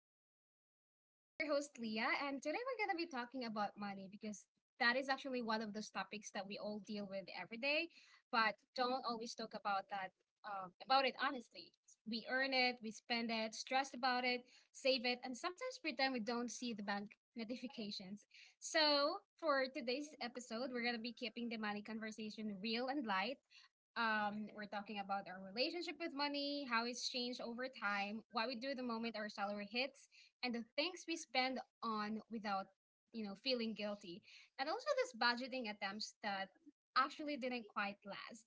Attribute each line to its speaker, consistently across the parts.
Speaker 1: podcast. I'm your host, Leah, and today we're going to be talking about money because that is actually one of those topics that we all deal with every day, but don't always talk about that. About it honestly. We earn it, we spend it, stress about it, save it, and sometimes pretend we don't see the bank notifications. So, for today's episode, we're going to be keeping the money conversation real and light. We're talking about our relationship with money, how it's changed over time, what we do the moment our salary hits, and the things we spend on without, feeling guilty. And also this budgeting attempts that actually didn't quite last.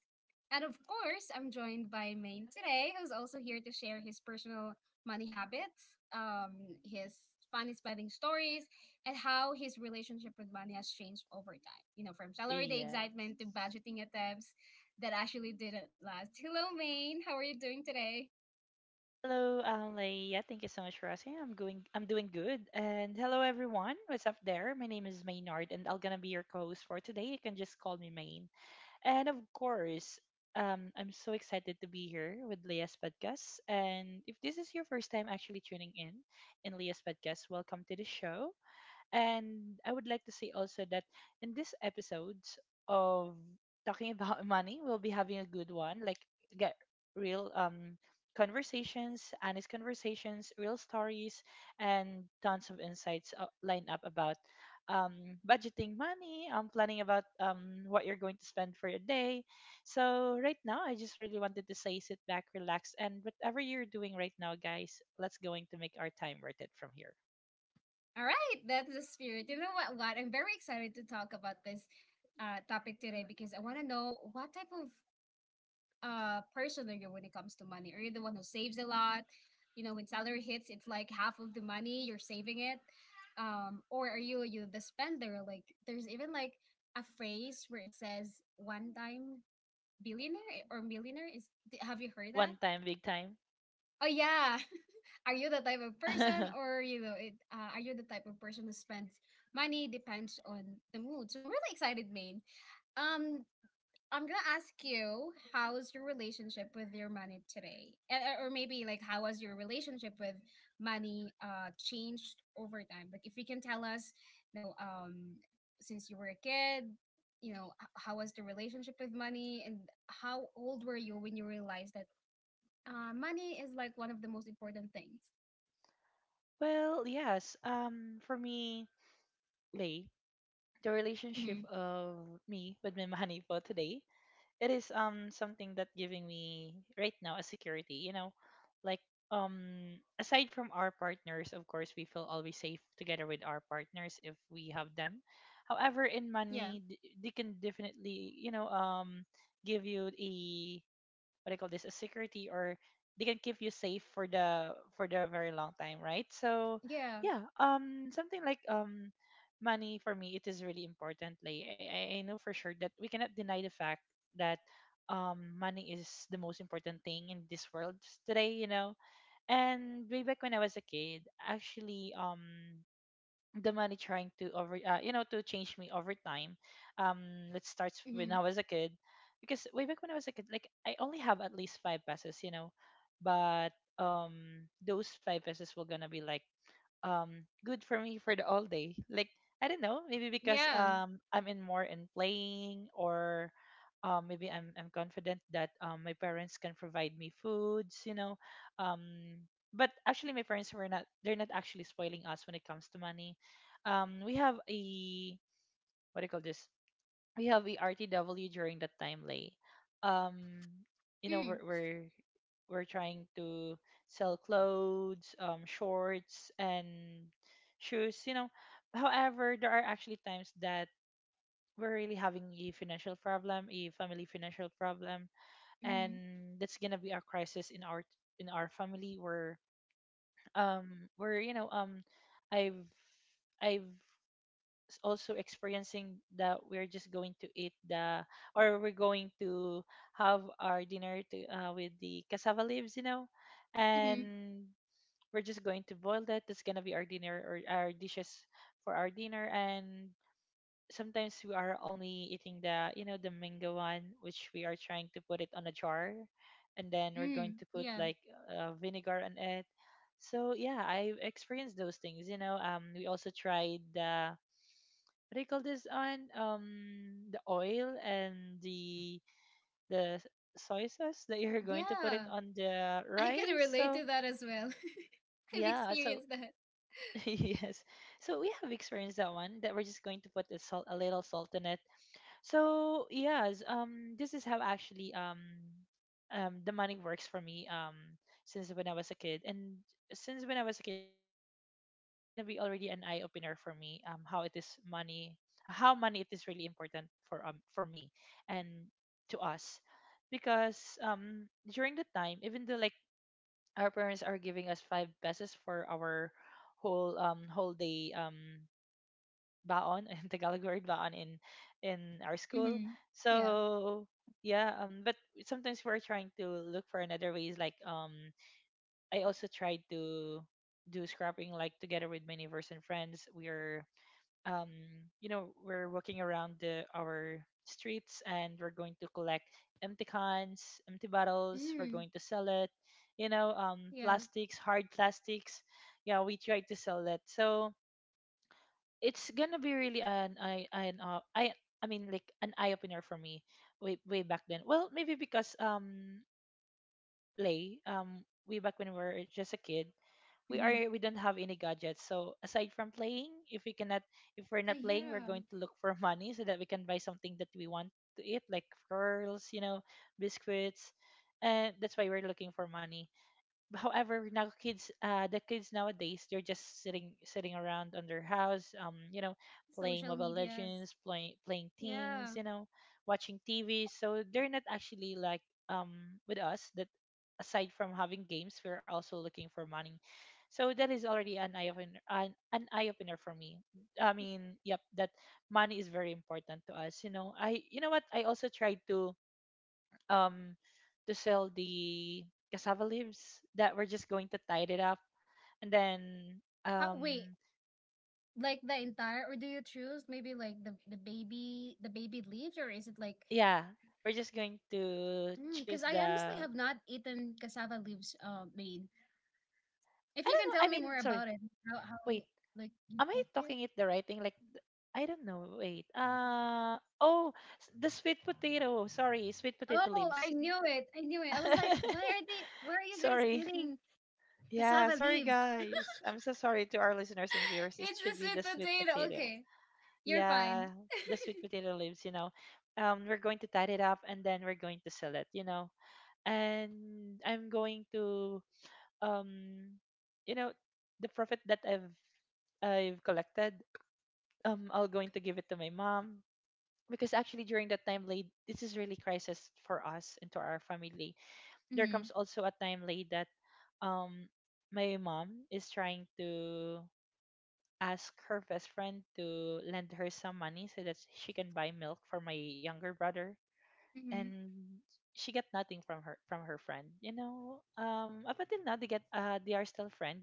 Speaker 1: And of course, I'm joined by Maine today, who's also here to share his personal money habits, his funny spending stories, and how his relationship with money has changed over time. You know, from salary day
Speaker 2: Yes.
Speaker 1: excitement to budgeting attempts that actually didn't last. Hello, Maine. How are you doing today?
Speaker 2: Hello, Leia. Thank you so much for asking. I'm going. I'm doing good. And hello, everyone. What's up there? My name is Maynard, and I'm gonna be your co-host for today. You can just call me Main. And of course, I'm so excited to be here with Leia's podcast. And if this is your first time actually tuning in Leia's podcast, welcome to the show. And I would like to say also that in this episodes of talking about money, we'll be having a good one, like get real conversations, honest conversations, real stories, and tons of insights lined up about budgeting money, planning about what you're going to spend for your day. So right now, I just really wanted to say sit back, relax, and whatever you're doing right now, guys, let's going to make our time worth it from here.
Speaker 1: All right, that's the spirit. You know what? What I'm very excited to talk about this topic today because I want to know what type of person are you when it comes to money? Are you the one who saves a lot? You know, when salary hits, it's like half of the money you're saving it, or are you the spender? Like, there's even like a phrase where it says one time billionaire or millionaire. Is
Speaker 2: One
Speaker 1: have you
Speaker 2: time,
Speaker 1: heard
Speaker 2: big
Speaker 1: that?
Speaker 2: time.
Speaker 1: Oh yeah. Are you the type of person, or are you the type of person who spends money depends on the mood? So I'm really excited, Maine. Um, I'm gonna ask you, how's your relationship with your money today, or maybe like how has your relationship with money changed over time? Like if you can tell us, you know, um, since you were a kid, how was the relationship with money, and how old were you when you realized that money is like one of the most important things.
Speaker 2: Well, yes. For me, Lay, the relationship
Speaker 1: Mm-hmm.
Speaker 2: of me with my money for today, it is something that giving me right now a security. You know, like aside from our partners, of course, we feel always safe together with our partners if we have them. However, in
Speaker 1: Yeah.
Speaker 2: money, they can definitely give you a what do you call this, a security, or they can keep you safe for the very long time, right? So
Speaker 1: Yeah.
Speaker 2: yeah, something like money for me, it is really important. Like I know for sure that we cannot deny the fact that money is the most important thing in this world today. And way back when I was a kid, actually, the money trying to over to change me over time. um let's start when
Speaker 1: Mm-hmm.
Speaker 2: I was a kid, because way back when I was a kid, like, I only have at least 5 pesos, but those 5 pesos were gonna be like good for me for the all day. Like, I don't know, maybe because
Speaker 1: Yeah.
Speaker 2: I'm in more in playing, or maybe I'm confident that my parents can provide me foods, you know. Um but actually, my parents were not actually spoiling us when it comes to money. We have a, what do you call this? We have a RTW during that time, Lay. Um you know,
Speaker 1: Mm,
Speaker 2: we're trying to sell clothes, shorts, and shoes. You know, however, there are actually times that we're really having a financial problem, a family financial problem,
Speaker 1: mm,
Speaker 2: and that's gonna be a crisis in our family, where I've I've also experiencing that we're just going to eat the, or we're going to have our dinner to, with the cassava leaves, you know.
Speaker 1: mm,
Speaker 2: And we're just going to boil that, that's gonna be our dinner or our dishes for our dinner. And sometimes we are only eating the, you know, the mango one, which we are trying to put it on a jar, and then we're going
Speaker 1: mm,
Speaker 2: to put
Speaker 1: yeah.
Speaker 2: like vinegar on it. So yeah, I've experienced those things, you know. We also tried the, what do you call this on, the oil and the the soy sauce that you're going to put it
Speaker 1: Yeah.
Speaker 2: on the
Speaker 1: I can
Speaker 2: rice.
Speaker 1: relate
Speaker 2: So
Speaker 1: to that as well. I've
Speaker 2: yeah, so
Speaker 1: experienced that.
Speaker 2: yes, so we have experienced that one, that we're just going to put the salt, a little saltiness. So yes, this is how actually the money works for me, since when I was a kid, and since when I was a kid, actually, it's gonna be already an eye opener for me, how it is money, how money it is really important for me and to us, because during the time, even though like our parents are giving us 5 pesos for our whole whole day baon, in Tagalog word baon in our school.
Speaker 1: Mm-hmm. Yeah.
Speaker 2: So yeah, but sometimes we're trying to look for another ways. Like, I also tried to do scrapping, like, together with my neighbors and friends. We're, um, you know, we're walking around the our streets, and we're going to collect empty cans, empty bottles. We're
Speaker 1: Mm,
Speaker 2: going to sell it. You know,
Speaker 1: yeah.
Speaker 2: plastics, hard plastics. Yeah, we try to sell it. So it's gonna be really an I mean like an eye opener for me way back then. Well, maybe because play way back when we were just a kid,
Speaker 1: Mm-hmm.
Speaker 2: we don't have any gadgets. So aside from playing, if we're not playing,
Speaker 1: Yeah.
Speaker 2: we're going to look for money so that we can buy something that we want to eat, like pearls, you know, biscuits, and that's why we're looking for money. However, now kids, the kids nowadays, they're just sitting around on their house, you know,
Speaker 1: Social
Speaker 2: playing mobile
Speaker 1: medias.
Speaker 2: legends, playing
Speaker 1: Yeah.
Speaker 2: things, you know, watching TV. So they're not actually like um with us, that aside from having games, we're also looking for money. So that is already an eye opener, an eye opener for me. I mean, yep, that money is very important to us, you know. I, you know what, I also tried um to sell the cassava leaves that we're just going to tie it up and then
Speaker 1: Wait,
Speaker 2: um
Speaker 1: like the entire, or do you choose maybe like the baby, the baby leaves, or is it like,
Speaker 2: yeah, we're just going to
Speaker 1: because
Speaker 2: choose
Speaker 1: I
Speaker 2: the,
Speaker 1: honestly
Speaker 2: I
Speaker 1: have not eaten cassava leaves, made. If
Speaker 2: don't
Speaker 1: you can
Speaker 2: know,
Speaker 1: tell
Speaker 2: I
Speaker 1: me
Speaker 2: mean,
Speaker 1: more
Speaker 2: sorry,
Speaker 1: about it, how
Speaker 2: wait,
Speaker 1: like you
Speaker 2: am I
Speaker 1: cook it?
Speaker 2: talking it the right thing? Like, I don't know. Wait, oh, the sweet potato, sorry, sweet potato
Speaker 1: Oh, I
Speaker 2: leaves.
Speaker 1: knew it. I knew it. I was like, why are they? Why are you guys
Speaker 2: Sorry.
Speaker 1: eating
Speaker 2: Yeah,
Speaker 1: cassava
Speaker 2: sorry
Speaker 1: leaves?
Speaker 2: guys, I'm so sorry to our listeners and viewers. It
Speaker 1: It's a
Speaker 2: should be
Speaker 1: sweet
Speaker 2: the sweet
Speaker 1: potato.
Speaker 2: potato.
Speaker 1: Okay, you're fine.
Speaker 2: Yeah, the sweet potato leaves, you know. We're going to tie it up and then we're going to sell it, you know. And I'm going to um you know, the profit that I've collected, I'll going to give it to my mom, because actually during that time, Late, this is really crisis for us and to our family. There
Speaker 1: Mhm.
Speaker 2: comes also a time, Late, that um my mom is trying to ask her best friend to lend her some money so that she can buy milk for my younger brother,
Speaker 1: Mhm.
Speaker 2: and she got nothing from her, friend, you know. Up until now, they get they are still friend.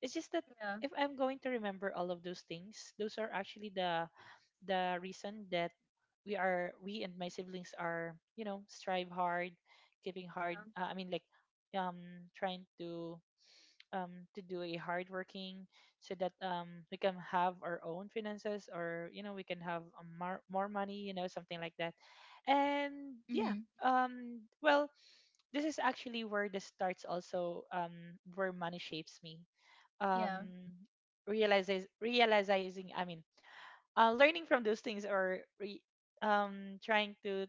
Speaker 2: It's just that
Speaker 1: Yeah.
Speaker 2: if I'm going to remember all of those things, those are actually the reason that we and my siblings are, you know, strive hard, giving hard,
Speaker 1: Yeah.
Speaker 2: uh, i mean like um trying to do a hard working, so that we can have our own finances, or you know, we can have more money, you know, something like that. And yeah,
Speaker 1: Mhm.
Speaker 2: well, this is actually where this starts also, where money shapes me, um,
Speaker 1: Yeah.
Speaker 2: realizes realizing, I mean, learning from those things, or trying to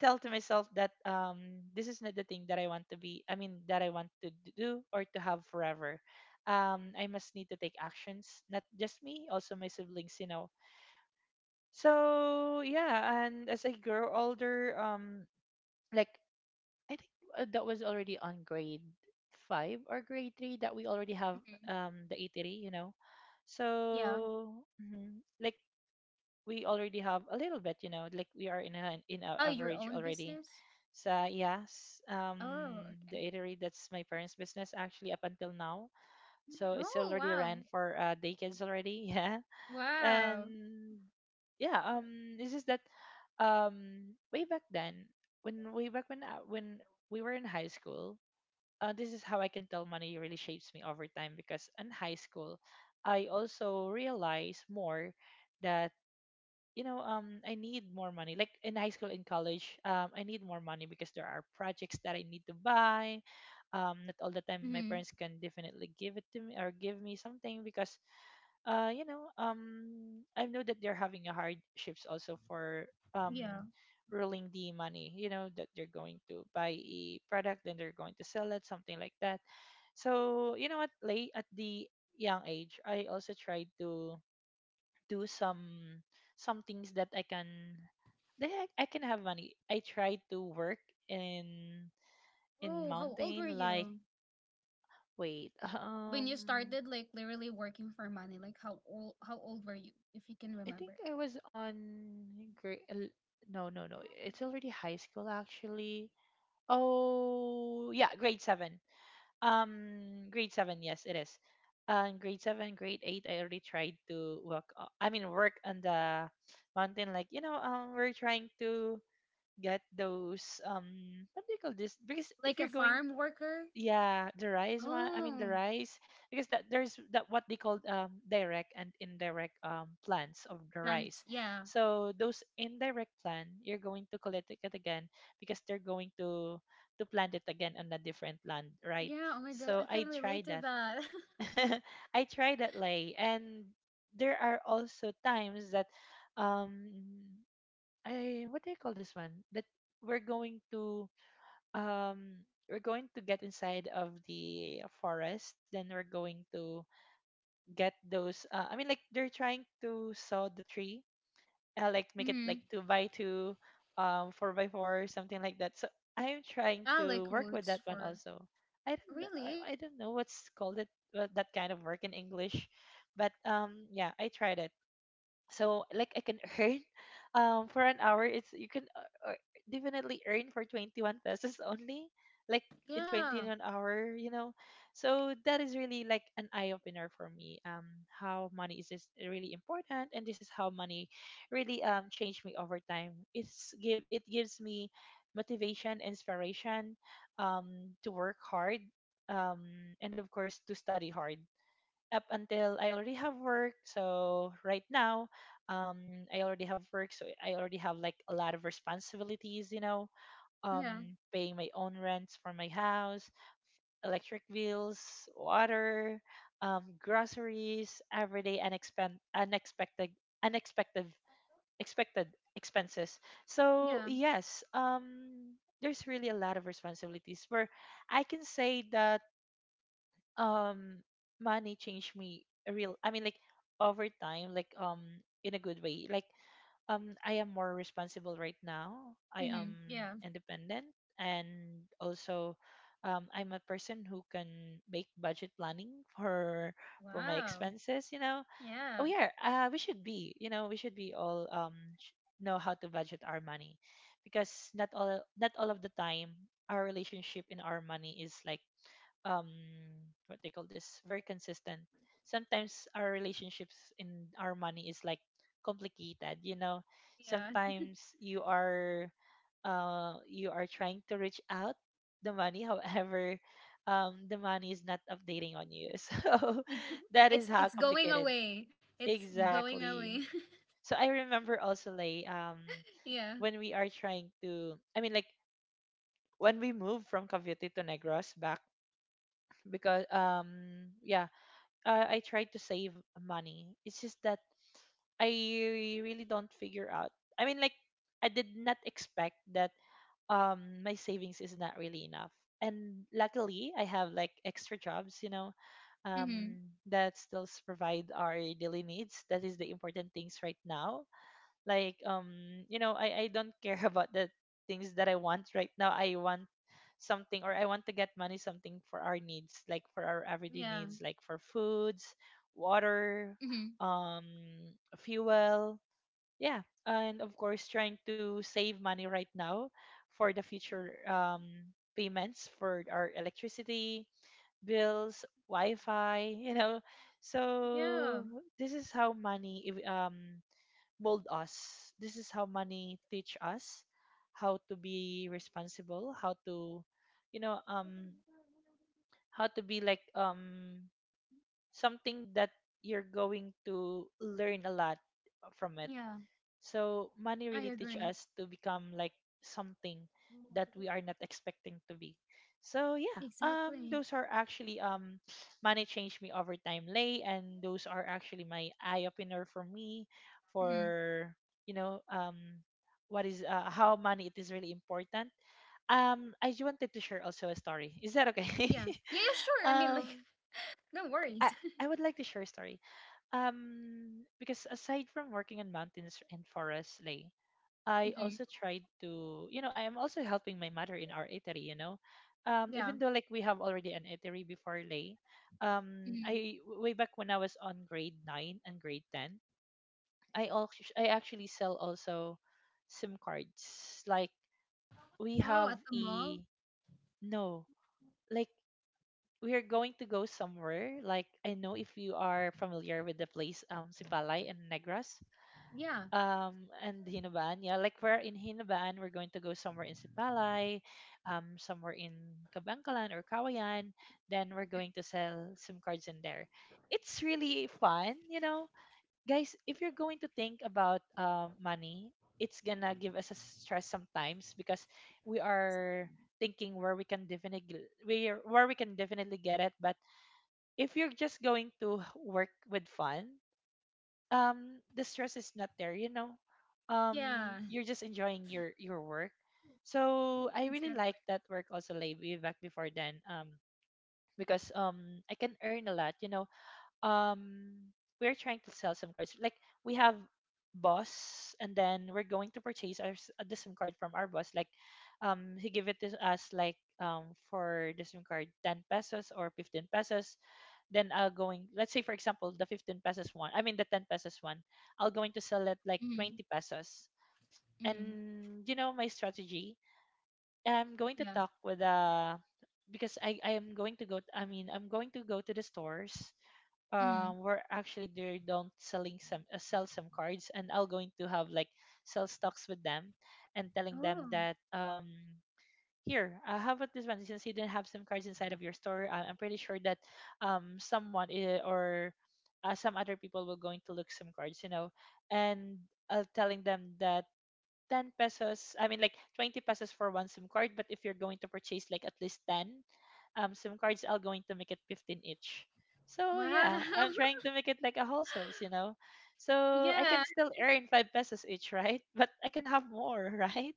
Speaker 2: tell to myself that this is not the thing that I want to be, I mean, that I want to do or to have forever. I must need to take actions, not just me, also my siblings, you know. So yeah, and as I grow older, like, I think that was already on grade five or grade three that we already have
Speaker 1: Mhm.
Speaker 2: the eatery, you know.
Speaker 1: Yeah.
Speaker 2: So, mhm, like, we already have a little bit, you know, like we are in a
Speaker 1: Oh, your
Speaker 2: average
Speaker 1: own
Speaker 2: already.
Speaker 1: business.
Speaker 2: So yes,
Speaker 1: Oh,
Speaker 2: the
Speaker 1: okay.
Speaker 2: eatery, that's my parents' business, actually, up until now. So it's
Speaker 1: Oh,
Speaker 2: already
Speaker 1: wow.
Speaker 2: ran for day kids already, yeah.
Speaker 1: Wow.
Speaker 2: And yeah, it's just that way back then, when way back when we were in high school, this is how I can tell money really shapes me over time. Because in high school, I also realized more that you know, I need more money. Like, in high school, in college, I need more money, because there are projects that I need to buy. Not all the time my
Speaker 1: Mhm.
Speaker 2: parents can definitely give it to me or give me something, because you know, I know that they're having a hardships also for um,
Speaker 1: Yeah.
Speaker 2: ruling the money. You know that they're going to buy a product, then they're going to sell it, something like that. So you know what, Late, at the young age, I also tried to do some things that I can, that I can have money. I tried to work in in
Speaker 1: Oh, how old were
Speaker 2: mountain, like,
Speaker 1: you?
Speaker 2: wait.
Speaker 1: when you started like literally working for money, like how old were you, if you can
Speaker 2: I think
Speaker 1: remember?
Speaker 2: I was on grade no no no it's already high school actually. Oh yeah, grade seven. Grade seven, yes it is. Grade eight, I already tried to work I mean work on the mountain, like, you know, we're trying to get those, what do you call this? Because if
Speaker 1: Like a
Speaker 2: you're going,
Speaker 1: farm worker?
Speaker 2: yeah, the rice one, I mean the
Speaker 1: Oh,
Speaker 2: rice, because that there's that what they call direct and indirect plants of the
Speaker 1: plants.
Speaker 2: rice.
Speaker 1: Yeah.
Speaker 2: So those indirect plant you're going to collect it again, because they're going to plant it again on a different land, right?
Speaker 1: Yeah. Oh my God,
Speaker 2: So
Speaker 1: I can
Speaker 2: I
Speaker 1: relate
Speaker 2: tried
Speaker 1: to
Speaker 2: that.
Speaker 1: that.
Speaker 2: I tried that, lay, and there are also times that um I, what do you call this one? That we're going to um we're going to get inside of the forest. Then we're going to get those. I mean, like, they're trying to saw the tree, like, make it
Speaker 1: Mm-hmm.
Speaker 2: like two by two, four by four, something like that. So I'm trying
Speaker 1: I
Speaker 2: to
Speaker 1: like
Speaker 2: work with that
Speaker 1: woods
Speaker 2: one
Speaker 1: for
Speaker 2: also. I don't know.
Speaker 1: really?
Speaker 2: I don't know what's called it, that kind of work in English, but yeah, I tried it, so like I can earn. For an hour it's, you can definitely earn for 21 pesos only, like, in
Speaker 1: Yeah.
Speaker 2: 21 hour, you know. So that is really like an eye opener for me, how money is just really important, and this is how money really changed me over time. It's give it gives me motivation, inspiration, to work hard, um and of course to study hard up until I already have work. So right now, I already have work, so I already have like a lot of responsibilities, you know,
Speaker 1: Yeah.
Speaker 2: um, paying my own rents for my house, electric bills, water, groceries, everyday unexpected, expected expenses. So
Speaker 1: Yeah.
Speaker 2: yes, there's really a lot of responsibilities where I can say that um money changed me a real, I mean, like, over time, like, in a good way, like, I am more responsible right now. I am
Speaker 1: Mm-hmm. Yeah.
Speaker 2: independent, and also I'm a person who can make budget planning for for my
Speaker 1: Wow.
Speaker 2: expenses, you know. Oh
Speaker 1: Yeah.
Speaker 2: yeah, we should be, you know, we should be all know how to budget our money, because not all of the time our relationship in our money is like, um what they call this, very consistent. Sometimes our relationships in our money is like complicated, you know.
Speaker 1: Yeah.
Speaker 2: Sometimes you are, you are trying to reach out the money, however, the money is not updating on you. So that is
Speaker 1: it's
Speaker 2: how
Speaker 1: it's going
Speaker 2: complicated.
Speaker 1: away. It's going
Speaker 2: Exactly.
Speaker 1: away.
Speaker 2: So I remember also, like,
Speaker 1: Yeah.
Speaker 2: when we are trying to, I mean, like, when we moved from Cavite to Negros back, because, yeah, I try to save money. It's just that I really don't figure out. I mean, like, I did not expect that my savings is not really enough. And luckily, I have like extra jobs, you know,
Speaker 1: Mm-hmm.
Speaker 2: that still provide our daily needs. That is the important things right now, like, you know, I don't care about the things that I want right now. I want something, or I want to get money, something for our needs, like for our everyday
Speaker 1: Yeah.
Speaker 2: needs, like for foods, water,
Speaker 1: Mm-hmm.
Speaker 2: um fuel, yeah. And of course trying to save money right now for the future, payments for our electricity bills, wi-fi, you know.
Speaker 1: Yeah.
Speaker 2: So this is how money mold us. This is how money teach us how to be responsible, how to, you know, how to be like something that you're going to learn a lot from it.
Speaker 1: Yeah.
Speaker 2: So money
Speaker 1: I
Speaker 2: really teach
Speaker 1: agree.
Speaker 2: us to become like something that we are not expecting to be. So yeah,
Speaker 1: Exactly.
Speaker 2: those are actually, money changed me over time, lay, and those are actually my eye opener for me,
Speaker 1: Hmm.
Speaker 2: for, you know, what is, how money, it is really important. I wanted to share also a story. Is that okay?
Speaker 1: Yeah. Yeah, yeah, sure. I mean, like,
Speaker 2: um,
Speaker 1: no
Speaker 2: I
Speaker 1: worries.
Speaker 2: I would like to share a story. Because aside from working on mountains and forests, lay. I
Speaker 1: Hmm.
Speaker 2: also tried to, you know, I am also helping my mother in our eatery, you know.
Speaker 1: Yeah.
Speaker 2: Even though like we have already an eatery before, Lay,
Speaker 1: Hmm.
Speaker 2: I, way back when I was on grade nine and grade ten, I actually sell also SIM cards. Like, we
Speaker 1: Oh,
Speaker 2: have
Speaker 1: at the mall?
Speaker 2: a, no, like, we are going to go somewhere. Like, I know if you are familiar with the place, Sipalay and Negros.
Speaker 1: Yeah.
Speaker 2: And Hinaban, yeah, like, we're in Hinaban, we're going to go somewhere in Sipalay, somewhere in Kabangkalan or Kawayan, then we're going to sell SIM cards in there. It's really fun, you know. Guys, if you're going to think about money, it's gonna give us a stress sometimes, because we are thinking where we can definitely, where we can definitely get it. But if you're just going to work with fun, the stress is not there, you know.
Speaker 1: Yeah.
Speaker 2: You're just enjoying your work. So I really
Speaker 1: Exactly.
Speaker 2: like that work also, like, way back before then, because I can earn a lot, you know. um we're trying to sell some cards, like, we have boss, and then we're going to purchase our the sim card from our boss, like, he give it to us like, for the sim card, 10 pesos or 15 pesos, then I'll going, let's say, for example, the 15 pesos one, I mean the 10 pesos one, I'll going to sell it like
Speaker 1: Hmm,
Speaker 2: 20 pesos.
Speaker 1: hmm.
Speaker 2: And you know my strategy, I'm going to
Speaker 1: Yeah.
Speaker 2: talk with, because I am going to go, I mean, I'm going to go to the stores
Speaker 1: Hmm.
Speaker 2: where actually they don't selling some, sell some cards, and I'll going to have like sell stocks with them, and telling them
Speaker 1: Oh,
Speaker 2: that, here, how about this one, since you didn't have sim cards inside of your store, I'm pretty sure that someone, or some other people will going to look sim cards, you know. And, telling them that 10 pesos, I mean, like, 20 pesos for one sim card, but if you're going to purchase like at least 10 sim cards, I'll going to make it 15 each. So
Speaker 1: wow.
Speaker 2: yeah, I'm trying to make it like a wholesales, you know. So I
Speaker 1: Yeah.
Speaker 2: can still earn 5 pesos each, right, but I can have more, right.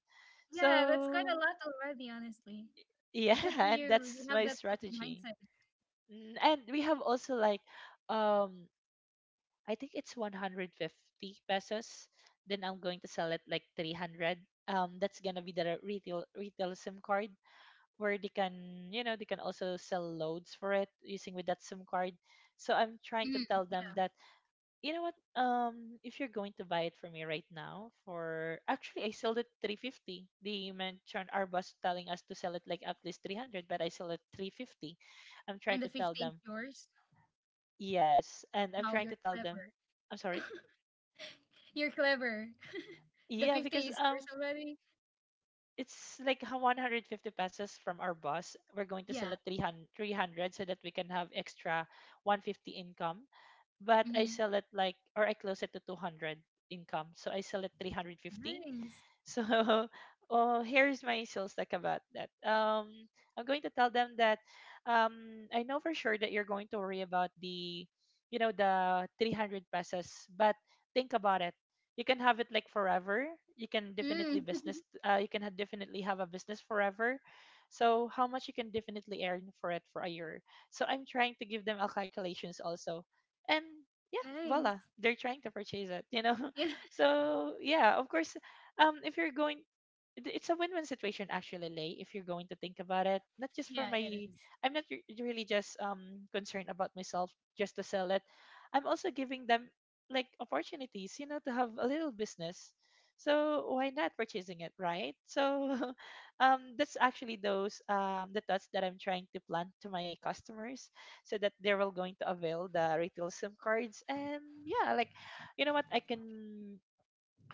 Speaker 1: Yeah, that's quite a
Speaker 2: So
Speaker 1: lot already, honestly.
Speaker 2: yeah,
Speaker 1: Good for
Speaker 2: and
Speaker 1: you. You
Speaker 2: that's
Speaker 1: have
Speaker 2: my
Speaker 1: that
Speaker 2: strategy.
Speaker 1: mindset.
Speaker 2: Mm, and we have also like, um I think it's 150 pesos. Then I'm going to sell it like 300. That's going to be the retail SIM card where they can, you know, they can also sell loads for it using with that SIM card. So I'm trying to
Speaker 1: Mm.
Speaker 2: tell them that, you know what? If you're going to buy it for me right now, for actually I sold it 350. They mentioned our boss telling us to sell it like at least 300, but I sold it 350. I'm
Speaker 1: And
Speaker 2: trying
Speaker 1: the
Speaker 2: to tell
Speaker 1: 50 is
Speaker 2: them,
Speaker 1: yours.
Speaker 2: yes, and I'm
Speaker 1: Wow,
Speaker 2: trying
Speaker 1: you're
Speaker 2: to tell
Speaker 1: clever.
Speaker 2: them, I'm sorry.
Speaker 1: You're clever. The
Speaker 2: Yeah,
Speaker 1: 50
Speaker 2: because,
Speaker 1: is yours already?
Speaker 2: it's like how 150 pesos from our boss. We're going to sell
Speaker 1: Yeah.
Speaker 2: it three hundred so that we can have extra 150 income. But I
Speaker 1: Hmm.
Speaker 2: sell it like, or I close it to 200 income, so I sell it 350.
Speaker 1: Nice.
Speaker 2: So, oh, here's my sales tech about that. I'm going to tell them that, I know for sure that you're going to worry about the, you know, the 300 pesos, but think about it. You can have it like forever. You can definitely
Speaker 1: Mm.
Speaker 2: business. You can definitely have a business forever. So how much you can definitely earn for it for a year. So I'm trying to give them a calculations also, and yeah, voila,
Speaker 1: Nice.
Speaker 2: they're trying to purchase it.
Speaker 1: Yeah,
Speaker 2: So yeah, of course, if you're going it's a win-win situation actually, Lay. If you're going to think about it, not just for
Speaker 1: yeah,
Speaker 2: my
Speaker 1: it is.
Speaker 2: i'm not really just concerned about myself, just to sell it. I'm also giving them like opportunities, you know, to have a little business. So why not purchasing it, right? So that's actually those the thoughts that I'm trying to plant to my customers, so that they will going to avail the retail SIM cards. And yeah, like, you know what I can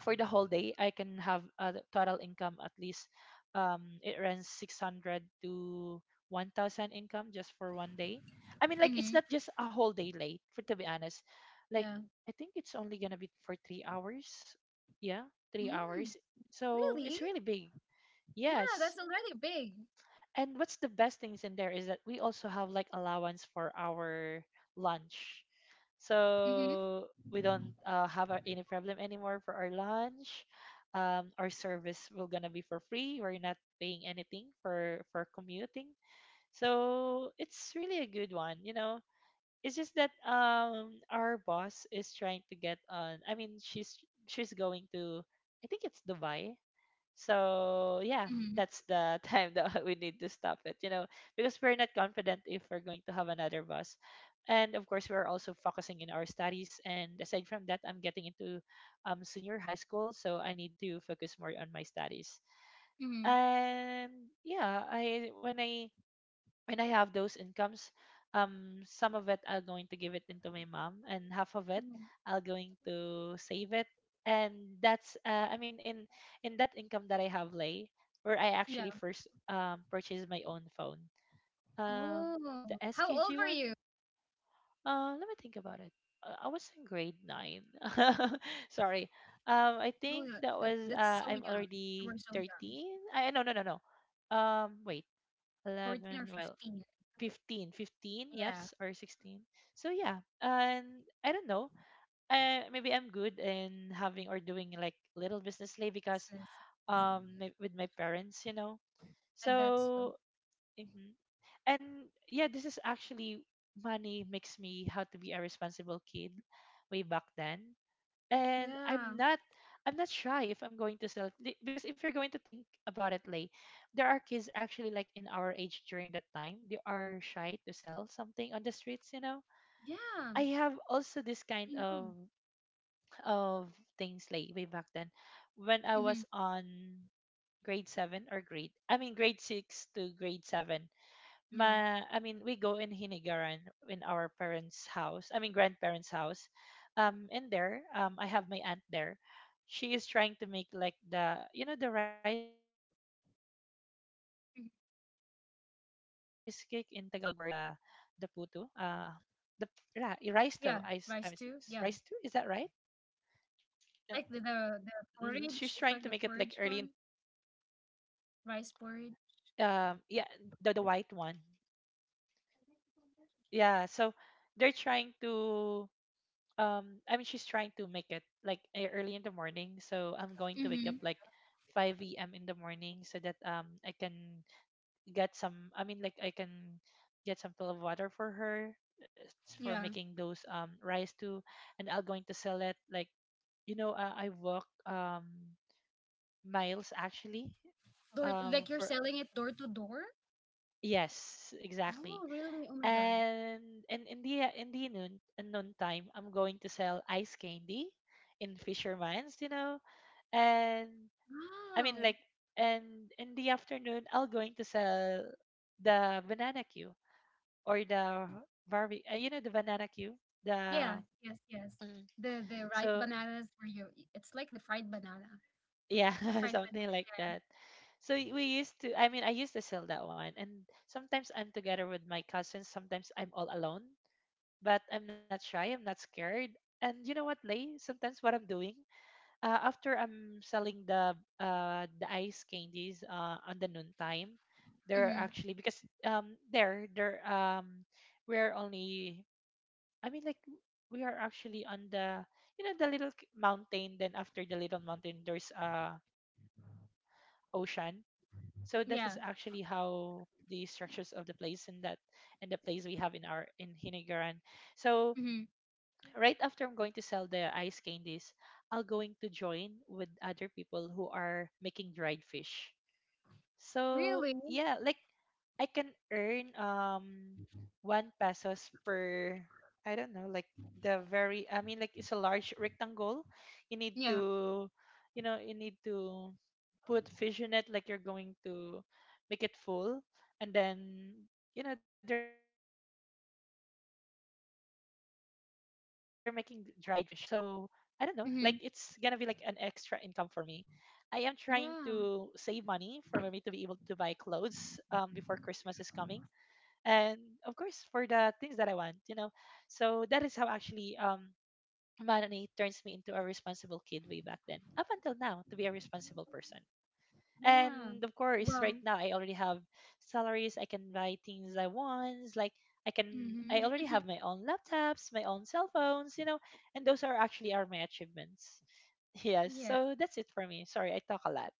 Speaker 2: for the whole day I can have a total income. At least it runs 600 to 1,000 income just for one day. I mean, like, it's
Speaker 1: Mm-hmm.
Speaker 2: not just a whole day, late for to be honest. Like,
Speaker 1: Yeah.
Speaker 2: I think it's only gonna be for 3 hours. Yeah, three
Speaker 1: Mm,
Speaker 2: hours So it's
Speaker 1: really?
Speaker 2: really big.
Speaker 1: Yeah,
Speaker 2: Yes.
Speaker 1: that's already big.
Speaker 2: And what's the best things in there is that we also have like allowance for our lunch,
Speaker 1: Mm-hmm.
Speaker 2: so we don't have any problem anymore for our lunch. Our service will gonna be for free, we're not paying anything for commuting. So it's really a good one, you know. It's just that our boss is trying to get on, I mean, she's going to, I think it's Dubai. So yeah,
Speaker 1: Mm-hmm.
Speaker 2: that's the time that we need to stop it, you know, because we're not confident if we're going to have another boss. And of course, we're also focusing in our studies. And aside from that, I'm getting into senior high school, so I need to focus more on my studies.
Speaker 1: Mm-hmm.
Speaker 2: And yeah, I when I when I have those incomes, some of it I'll going to give it into my mom, and half of it
Speaker 1: Hmm.
Speaker 2: I'll going to save it. And that's, I mean, in that income that I have, Lay, where I
Speaker 1: Yeah.
Speaker 2: actually first purchased my own phone, um,
Speaker 1: Oh,
Speaker 2: the
Speaker 1: how old
Speaker 2: SKG
Speaker 1: were
Speaker 2: one.
Speaker 1: you?
Speaker 2: Let me think about it. I was in grade 9. Sorry. I
Speaker 1: Oh,
Speaker 2: think
Speaker 1: that,
Speaker 2: that
Speaker 1: that
Speaker 2: was
Speaker 1: that's so
Speaker 2: I'm
Speaker 1: young. You
Speaker 2: already
Speaker 1: were so young,
Speaker 2: 13. I, no, no, no, no. Wait,
Speaker 1: 14 or
Speaker 2: 11. Well,
Speaker 1: 15.
Speaker 2: 15, 15, 15,
Speaker 1: Yeah,
Speaker 2: yes, or 16. So yeah. And I don't know, maybe I'm good in having or doing like little business, Lay, because
Speaker 1: business.
Speaker 2: with my parents, you know.
Speaker 1: I bet so.
Speaker 2: So mhm. And yeah, this is actually money makes me how to be a responsible kid way back then. And
Speaker 1: Yeah.
Speaker 2: I'm not shy if I'm going to sell because if you're going to think about it, Lay, there are kids actually like in our age during that time, they are shy to sell something on the streets, you know.
Speaker 1: Yeah,
Speaker 2: I have also this
Speaker 1: I
Speaker 2: kind
Speaker 1: know.
Speaker 2: of things like way back then when I
Speaker 1: Mm-hmm.
Speaker 2: was on grade 7 or grade, I mean, grade 6 to grade 7.
Speaker 1: Yeah.
Speaker 2: Ma, I mean, we go in Hinigaran in our parents' house. I mean, grandparents' house. And there, I have my aunt there. She is trying to make like the, you know, the rice cake, in Tagalog word, the
Speaker 1: Mhm.
Speaker 2: puto. Uh, the, yeah, rice to. Rice to? Is that right?
Speaker 1: Yeah, rice too.
Speaker 2: Yeah.
Speaker 1: Yeah,
Speaker 2: Hmm. She's trying to
Speaker 1: like
Speaker 2: make
Speaker 1: the
Speaker 2: it like
Speaker 1: the,
Speaker 2: early
Speaker 1: the
Speaker 2: in
Speaker 1: porridge. It's like the porridge one, rice porridge.
Speaker 2: yeah, the white one. Yeah, so they're trying to I mean, she's trying to make it like early in the morning, so I'm going to wake up
Speaker 1: Mm-hmm.
Speaker 2: like 5 a.m. in the morning so that I can get some, I mean like, I can get some pill of water for her, for
Speaker 1: Yeah.
Speaker 2: making those rice too. And I'll going to sell it like, you know, I walk miles actually
Speaker 1: Door like you're
Speaker 2: for,
Speaker 1: selling it door to door?
Speaker 2: yes exactly.
Speaker 1: Oh, really? Oh my God.
Speaker 2: And in the noon, in noon time, I'm going to sell ice candy in Fisherman's, you know. And, I mean
Speaker 1: Wow.
Speaker 2: like, and in the afternoon, I'll going to sell the banana queue or the barbie, you know, the banana queue,
Speaker 1: Yeah,
Speaker 2: the,
Speaker 1: yes, yes.
Speaker 2: mm,
Speaker 1: The ripe
Speaker 2: so
Speaker 1: bananas where you it's like the fried banana.
Speaker 2: yeah,
Speaker 1: A fried
Speaker 2: something
Speaker 1: banana.
Speaker 2: like
Speaker 1: Yeah.
Speaker 2: that. So we used to, I mean, I used to sell that one, and sometimes I'm together with my cousins, sometimes I'm all alone. But I'm not shy, I'm not scared. And you know what, Lay? Sometimes what I'm doing after I'm selling the ice candies on the noon time, there are
Speaker 1: Mm-hmm.
Speaker 2: actually because there there we're only, I mean like, we are actually on the, you know, the little mountain. Then after the little mountain, there's a ocean. So this is actually
Speaker 1: Yeah.
Speaker 2: how the structures of the place, and that and the place we have in our in Hinigaran. So
Speaker 1: Mm-hmm.
Speaker 2: right after I'm going to sell the ice candies, I'll going to join with other people who are making dried fish. So
Speaker 1: Really?
Speaker 2: yeah, like I can earn one pesos per, I don't know, like the very, I mean like, it's a large rectangle. You need
Speaker 1: Yeah.
Speaker 2: to, you know, you need to put fish in it, like you're going to make it full, and then, you know, they're making dried fish. So I don't know, like it's gonna be like an extra income for me. I am
Speaker 1: Mm-hmm.
Speaker 2: trying to save money for me to be able to buy
Speaker 1: Yeah.
Speaker 2: clothes before Christmas is coming. And of course for the things that I want, you know. So that is how actually money turns me into a responsible kid way back then. Up until now, to be a responsible person.
Speaker 1: Yeah.
Speaker 2: And of course
Speaker 1: Well,
Speaker 2: right now I already have salaries, I can buy things I want, like I can, I already
Speaker 1: mm-hmm.
Speaker 2: have my own laptops, my own cell phones, you know, and those are actually are my achievements. Yes,
Speaker 1: Yes.
Speaker 2: so that's it for me. Sorry, I talk a lot.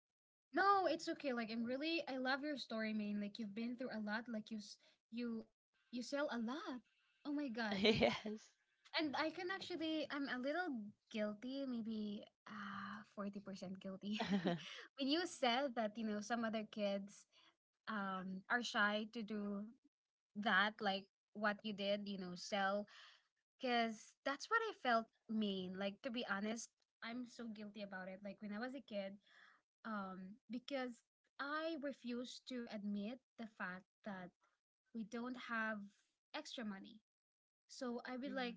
Speaker 1: No, it's okay. Like I love your story, man. Like you've been through a lot. Like you s- you you sell a lot. Oh my God. Like.
Speaker 2: Yes.
Speaker 1: And I can actually, I'm a little guilty, maybe 40% guilty. When you said that, some other kids are shy to do that, like what you did, sell, because that's what I felt mean. Like, to be honest, I'm so guilty about it. Like, when I was a kid, because I refused to admit the fact that we don't have extra money so I would
Speaker 2: Mhm,
Speaker 1: like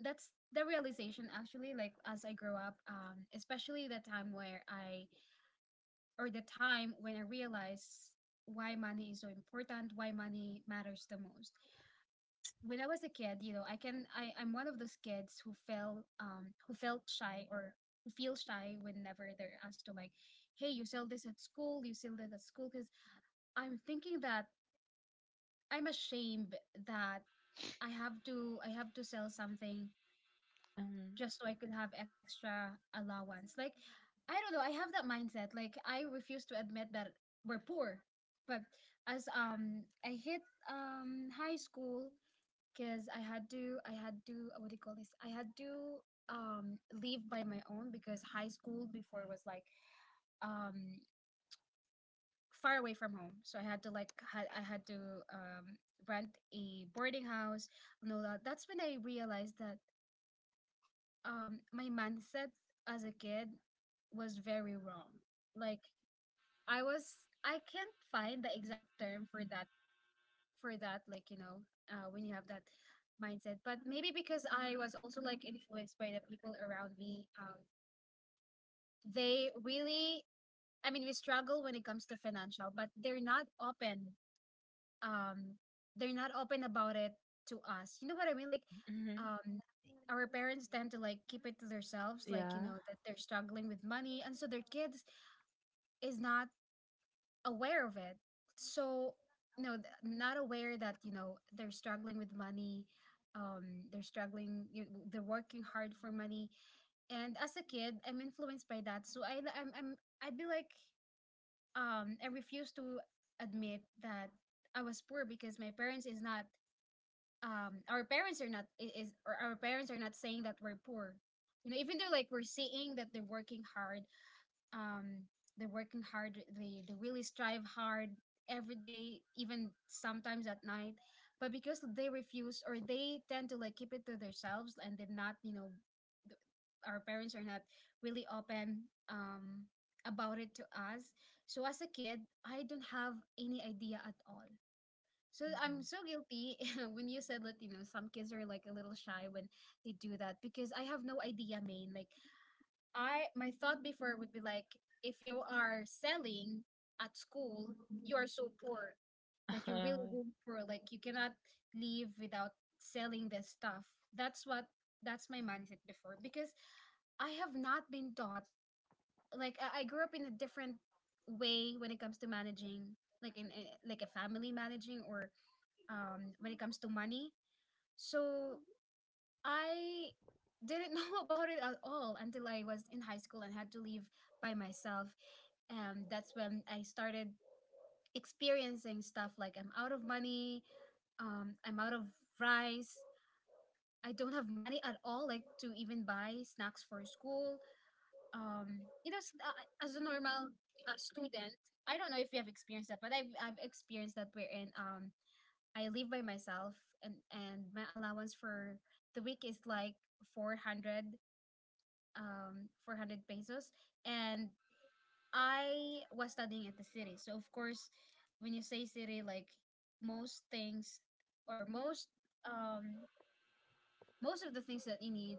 Speaker 1: that's the realization actually like as I grow up, especially the time when I realized why money is so important, why money matters the most. When I was a kid, you know, I'm one of those kids who felt shy or who feel shy whenever they're asked to like, hey, you sell this at school, you sell that at school, because I'm thinking that I'm ashamed that I have to sell something
Speaker 2: mhm,
Speaker 1: just so I could have extra allowance. Like, I don't know. I have that mindset. Like, I refuse to admit that we're poor. But as I hit high school, because I had to what do you call this? I had to leave by my own because high school before was like um far away from home. So I had to um rent a boarding house and all that. That's when I realized that my mindset as a kid was very wrong. Like I was I can't find the exact term for that like when you have that mindset, but maybe because I was also like influenced by the people around me they really I mean we struggle when it comes to financial, but they're not open um about it to us. You know what I mean? Like
Speaker 2: mhm.
Speaker 1: um our parents tend to like keep it to themselves, like you
Speaker 2: Yeah.
Speaker 1: know that they're struggling with money, and so their kids is not aware of it. So no, not aware that they're struggling with money. They're struggling. They're working hard for money. And as a kid, I'm influenced by that. So I'd be like, I refuse to admit that I was poor because my parents is not our parents are not saying that we're poor, even though like we're seeing that they're working hard um they really strive hard every day, even sometimes at night, but because they refuse or they tend to like keep it to themselves and did not you know th- our parents are not really open um about it to us. So as a kid, I don't have any idea at all, so I'm
Speaker 2: Mhm.
Speaker 1: so guilty. When you said Latino. Some kids are like a little shy when they do that because I have no idea, main. Like my thought before would be like, if you are selling at school, you are so poor. Like you're really, really poor. Like you cannot live without selling this stuff. That's what. That's my mindset before because I have not been taught. Like I grew up in a different way when it comes to managing, like in like a family managing or when it comes to money. So I didn't know about it at all until I was in high school and had to leave by myself. And that's when I started experiencing stuff like I'm out of money, I'm out of rice. I don't have money at all, like to even buy snacks for school. As a normal student, I don't know if you have experienced that, but I've experienced that wherein I live by myself, and my allowance for the week is like 400 um 400 pesos, and I was studying at the city. So of course, when you say city, like most things or most um most of the things that you need,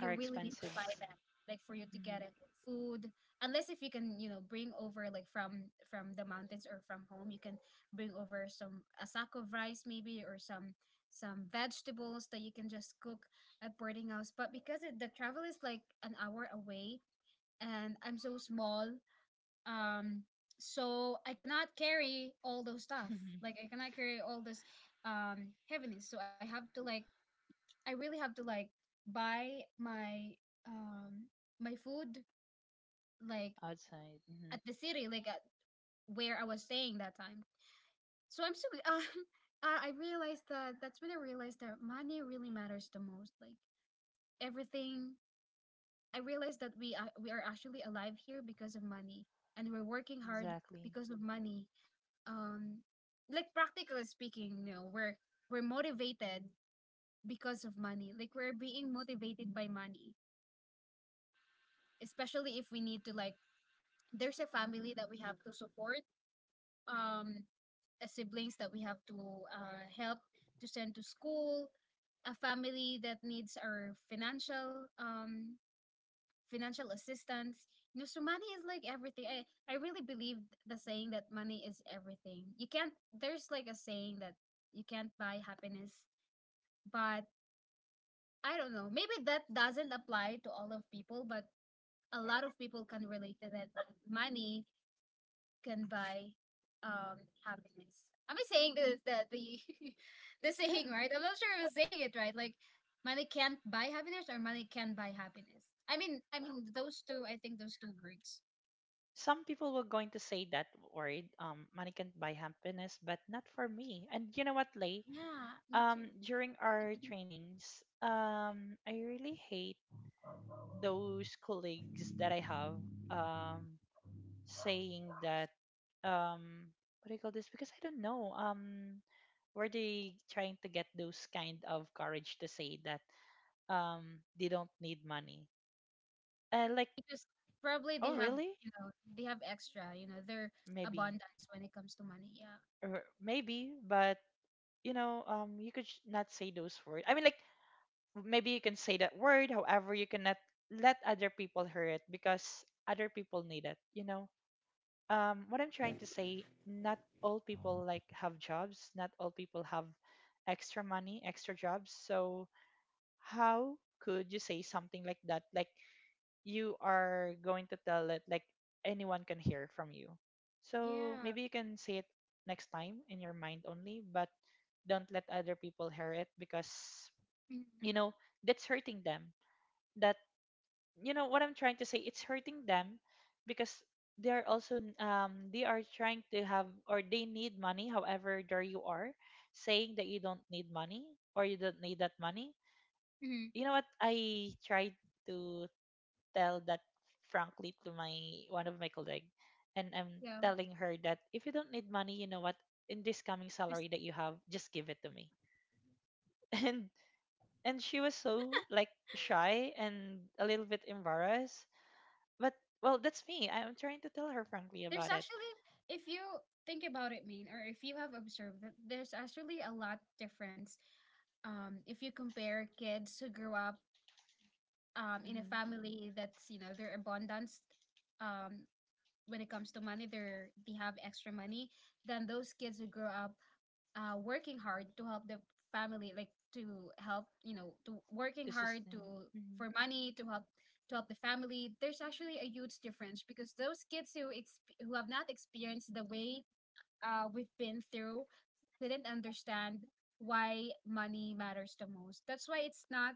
Speaker 2: Our
Speaker 1: really need to buy
Speaker 2: expensives,
Speaker 1: them, like, for you to get
Speaker 2: mhm.
Speaker 1: it, like, food, unless if you can, you know, bring over, like, from the mountains or from home. You can bring over some a sack of rice maybe or some vegetables that you can just cook at boarding house. But because it, the travel is like an hour away, and I'm so small. um so I cannot carry all those stuff, like I cannot carry all this heaviness. So I have to, like, I really have to, like, buy my, um my food, like,
Speaker 2: Outside, mhm.
Speaker 1: at the city, like at where I was staying that time. So I'm so, I realized that, that's when I realized that money really matters the most. Like, everything, I realized that we are actually alive here because of money, and we're working hard
Speaker 2: Exactly.
Speaker 1: because of money. Um, like, practically speaking, we're motivated because of money. Like, we're being motivated by money, especially if we need to, like, there's a family that we have to support, um a siblings that we have to help, to send to school, a family that needs our financial assistance. So money is like everything. I really believe the saying that money is everything. You can't, there's like a saying that you can't buy happiness, but I don't know, maybe that doesn't apply to all of people, but a lot of people can relate to that, that money can buy um happiness. Am I saying the
Speaker 2: Yeah.
Speaker 1: saying right? I'm not sure if I'm saying it right. Like, money can't buy happiness or money can buy happiness. I mean those two, I think those two words.
Speaker 2: Some people were going to say that word, money can't buy happiness, but not for me. And you know what, Lay?
Speaker 1: Yeah, me too.
Speaker 2: During our trainings, I really hate those colleagues that I have. Um, saying that um what do you call this, because I don't know, were they trying to get those kind of courage to say that they don't need money, like,
Speaker 1: Because probably
Speaker 2: oh
Speaker 1: they have,
Speaker 2: really?
Speaker 1: you know, they have extra, their
Speaker 2: Maybe.
Speaker 1: abundance when it comes to money. Yeah.
Speaker 2: Or maybe, but you know, you could not say those words, I mean like, maybe you can say that word, however you cannot let other people hear it, because other people need it, you know. What I'm trying to say, not all people like have jobs, not all people have extra money, extra jobs. So how could you say something like that? Like, you are going to tell it like anyone can hear from you. So
Speaker 1: Yeah.
Speaker 2: maybe you can say it next time in your mind only, but don't let other people hear it because, you know, that's hurting them. That, you know what I'm trying to say, it's hurting them, because they're also they are trying to have or they need money. However, there you are saying that you don't need money or you don't need that money.
Speaker 1: Mm-hmm.
Speaker 2: You know what? I tried to tell that frankly to my one of my colleague, and I'm
Speaker 1: Yeah.
Speaker 2: telling her that if you don't need money, you know what? In this coming
Speaker 1: There's,
Speaker 2: salary that you have, just give it to me. And and she was so like shy and a little bit embarrassed. But well, that's me. I'm trying to tell her frankly about it.
Speaker 1: actually, if you think about it, mean, or if you have observed that there's actually a lot difference, if you compare kids who grew up, in a
Speaker 2: Hmm.
Speaker 1: family that's, their abundance, um, when it comes to money, they have extra money, than those kids who grew up, working hard to help the family, like, to help, to working
Speaker 2: This is
Speaker 1: hard to,
Speaker 2: thing. Hmm.
Speaker 1: for money, to help, to help the family. There's actually a huge difference, because those kids who who have not experienced the way we've been through, didn't understand why money matters the most. That's why it's not,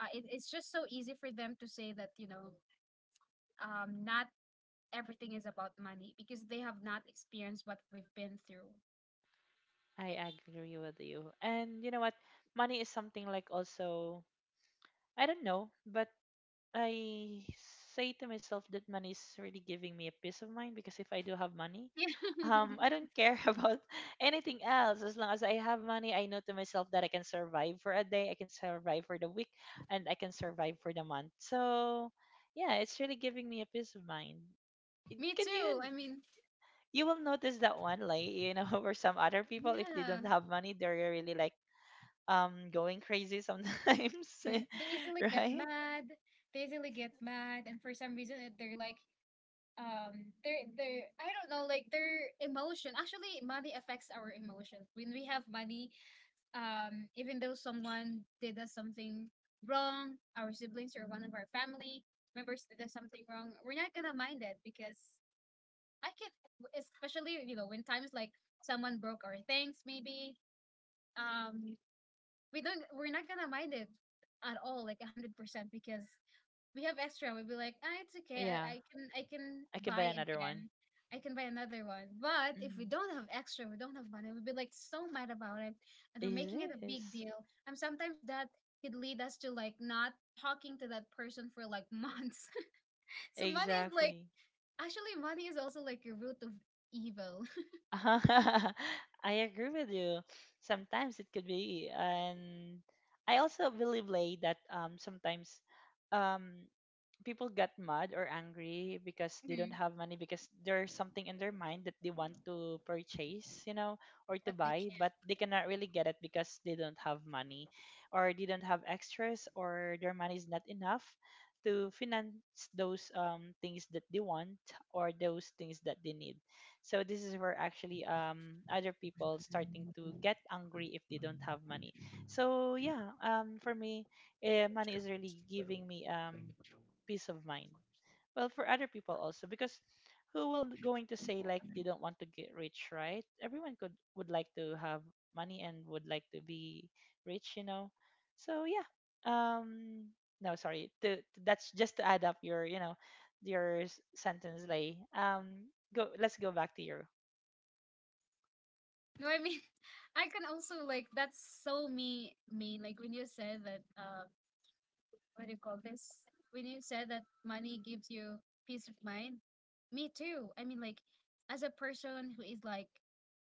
Speaker 1: it's just so easy for them to say that, not everything is about money, because they have not experienced what we've been through.
Speaker 2: I agree with you. And you know what? Money is something like also, I don't know, but I say to myself that money is really giving me a peace of mind, because if I do have money,
Speaker 1: Yeah.
Speaker 2: I don't care about anything else. As long as I have money, I know to myself that I can survive for a day, I can survive for the week, and I can survive for the month. So yeah, it's really giving me a peace of mind.
Speaker 1: Me
Speaker 2: Can
Speaker 1: too,
Speaker 2: you,
Speaker 1: I mean.
Speaker 2: you will notice that one, like, you know, or some other people, if they
Speaker 1: Yeah.
Speaker 2: don't have money, they're really like going crazy sometimes.
Speaker 1: They easily get
Speaker 2: Right.
Speaker 1: mad, and for some reason, they're like, they're I don't know, like, their emotion, actually money affects our emotions. When we have money, even though someone did us something wrong, our siblings or one of our family members did us something wrong, we're not gonna mind it because I can, especially, when times like someone broke our things, maybe, um, we're not gonna mind it at all, like 100%, because we have extra. We'd be like, ah, it's okay.
Speaker 2: Yeah,
Speaker 1: I can
Speaker 2: I can buy
Speaker 1: buy
Speaker 2: another one.
Speaker 1: again. I can buy another one. But if we
Speaker 2: Mm.
Speaker 1: don't have extra, we don't have money, we'd be like so mad about it, and
Speaker 2: It
Speaker 1: we're making it
Speaker 2: is
Speaker 1: a big
Speaker 2: this.
Speaker 1: deal. And sometimes that could lead us to like not talking to that person for like months. So money is like,
Speaker 2: Exactly.
Speaker 1: actually money is also like a root of evil.
Speaker 2: I agree with you. Sometimes it could be. And I also believe like that sometimes um people get mad or angry because they don't
Speaker 1: Mhm.
Speaker 2: have money, because there's something in their mind that they want to purchase, you know, or to
Speaker 1: But they
Speaker 2: buy,
Speaker 1: can't.
Speaker 2: but they cannot really get it because they don't have money, or they don't have extras, or their money is not enough to finance those things that they want or those things that they need. So this is where actually other people starting to get angry if they don't have money. So yeah, for me, money is really giving me peace of mind. Well, for other people also, because who will going to say like they don't want to get rich, right? Everyone could would like to have money and would like to be rich, you know. So yeah, um no, sorry to, that's just to add up your, you know, your sentence, Lay. Go, let's go back to your,
Speaker 1: No, I mean, I can also like that's so me mean. Like, when you said that, what do you call this? When you said that money gives you peace of mind, me too. I mean, like, as a person who is like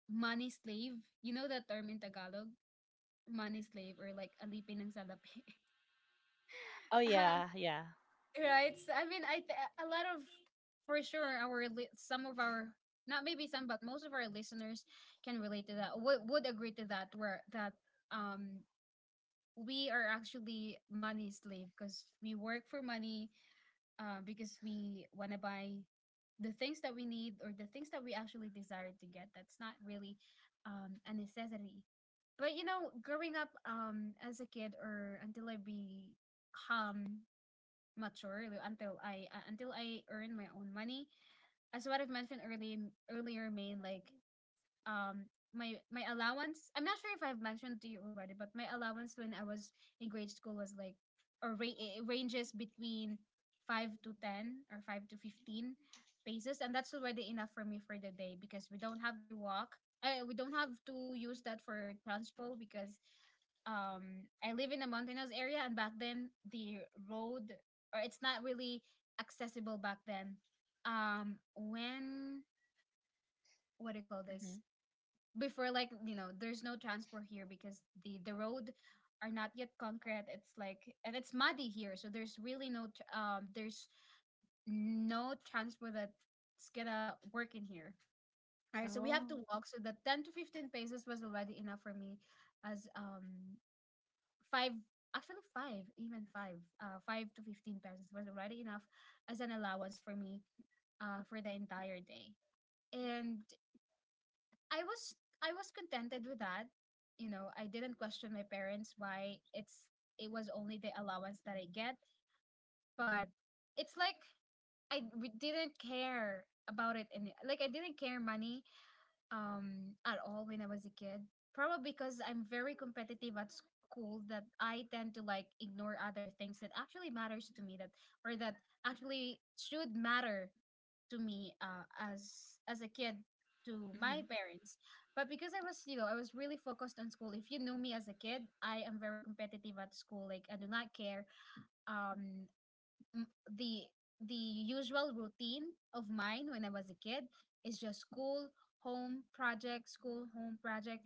Speaker 1: money slave, you know that term in Tagalog, money slave, or like alipin ng salapi.
Speaker 2: oh
Speaker 1: um,
Speaker 2: yeah, yeah.
Speaker 1: right? So, I mean, a lot of, for sure our some of our, not maybe some but most of our listeners can relate to that. Would agree to that, where that, um we are actually money slave because we work for money, because we want to buy the things that we need or the things that we actually desire to get. That's not really, a necessity. But, growing up, as a kid, or until I become mature, until I, until I earn my own money, as what I've mentioned earlier, Main, like um my allowance. I'm not sure if I've mentioned to you already, but my allowance when I was in grade school was like, it ranges between 5 to 10 or 5 to 15 pesos, and that's already enough for me for the day, because we don't have to walk, we don't have to use that for transport, because I live in a mountainous area, and back then the road, or, it's not really accessible back then, when, what do you call this,
Speaker 2: Mm-hmm.
Speaker 1: before, like, there's no transport here, because the road are not yet concrete. It's like, and it's muddy here, so there's really no there's no transport that's gonna work in here. All right, so we have to walk, so the
Speaker 2: Oh.
Speaker 1: 10 to 15 paces was already enough for me, as, five, actually five, even five, five to 15 pesos was already enough as an allowance for me, for the entire day. And I was, contented with that. You know, I didn't question my parents why it was only the allowance that I get, but it's like I didn't care about it, and like I didn't care money at all when I was a kid. Probably because I'm very competitive at school, that I tend to like ignore other things that actually matters to me, that, or that actually should matter to me, as a kid, to my
Speaker 2: Mm-hmm.
Speaker 1: parents, but because I was, I was really focused on school. If you know me as a kid, I am very competitive at school, like, I do not care, um m- the the usual routine of mine when I was a kid is just school, home, project,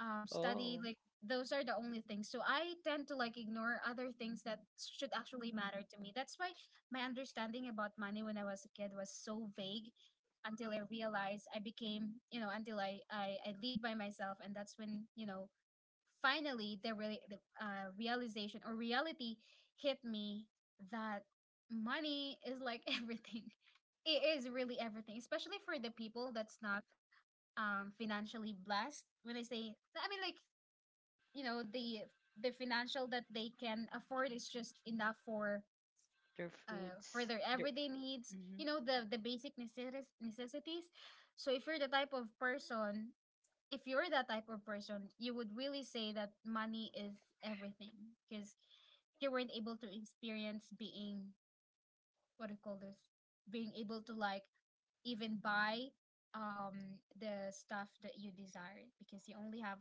Speaker 1: study. Like,
Speaker 2: Oh,
Speaker 1: those are the only things. So I tend to like ignore other things that should actually matter to me. That's why my understanding about money when I was a kid was so vague, until I realized, I became, you know, until I live by myself, and that's when, you know, finally the realization or reality hit me, that money is like everything. It is really everything, especially for the people that's not financially blessed. When I say, I mean, like, you know the the financial that they can afford is just enough for,
Speaker 2: their
Speaker 1: for their
Speaker 2: foods,
Speaker 1: everyday
Speaker 2: their,
Speaker 1: needs, you know,
Speaker 2: mm-hmm,
Speaker 1: the basic necessities. So if you're the type of person, if you're that type of person, you would really say that money is everything, because you weren't able to experience being, what do you call this, being able to, like, even buy, the stuff that you desire, because you only have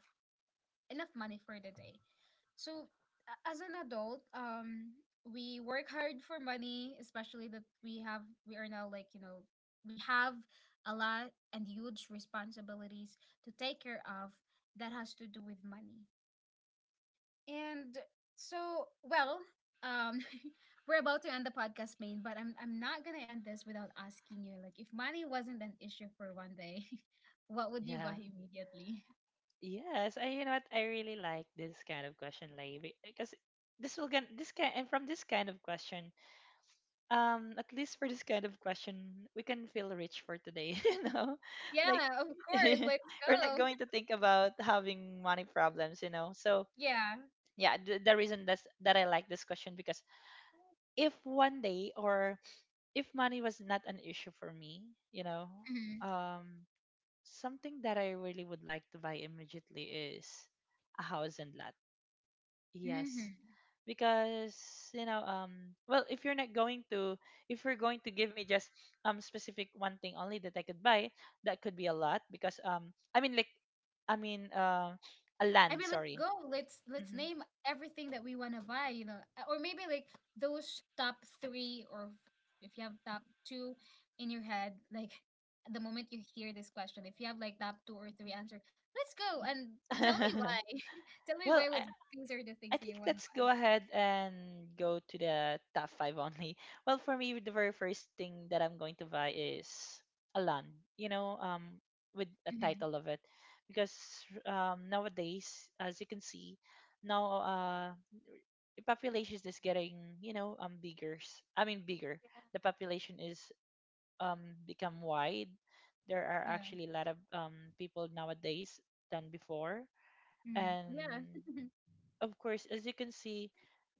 Speaker 1: enough money for the day. So, as an adult, we work hard for money, especially that we are now, like, we have a lot and huge responsibilities to take care of, that has to do with money. And so, well, um, we're about to end the podcast, Main, but I'm not gonna end this without asking you, like, if money wasn't an issue for one day, what would you buy
Speaker 2: yeah.
Speaker 1: immediately?
Speaker 2: Yes, I, you know what? I really like this kind of question, Lay, because this will get this kind and from this kind of question, at least for this kind of question, we can feel rich for today, you know, like
Speaker 1: Yeah, of course. Let's
Speaker 2: we're not
Speaker 1: go.
Speaker 2: going to think about having money problems, you know. So
Speaker 1: Yeah.
Speaker 2: yeah, the reason that I like this question because if one day or if money was not an issue for me, you know,
Speaker 1: Mm-hmm.
Speaker 2: um, something that I really would like to buy immediately is a house and lot. Yes,
Speaker 1: Mm-hmm.
Speaker 2: because you know, if you're not going to, if you're going to give me just specific one thing only that I could buy, that could be a lot because I mean like, I mean, uh, a
Speaker 1: I
Speaker 2: land.
Speaker 1: mean, let's
Speaker 2: Sorry.
Speaker 1: go. Let's
Speaker 2: hmm
Speaker 1: name everything that we want to buy, you know. Or maybe, like, those top three, or, if you have top two in your head, like the moment you hear this question, if you have like top two or three answer, let's go and tell me why. Tell me
Speaker 2: well,
Speaker 1: why.
Speaker 2: I,
Speaker 1: What, these are the
Speaker 2: I
Speaker 1: things that
Speaker 2: think
Speaker 1: you want to
Speaker 2: let's go
Speaker 1: buy.
Speaker 2: ahead and go to the top five only. Well, for me, the very first thing that I'm going to buy is a land, you know, with a
Speaker 1: Mm-hmm.
Speaker 2: title of it, because nowadays, as you can see, now the population is getting, you know, bigger. Bigger. The population is become wide. There are
Speaker 1: Yeah.
Speaker 2: actually a lot of people nowadays than before,
Speaker 1: Mm.
Speaker 2: and
Speaker 1: Yeah.
Speaker 2: of course, as you can see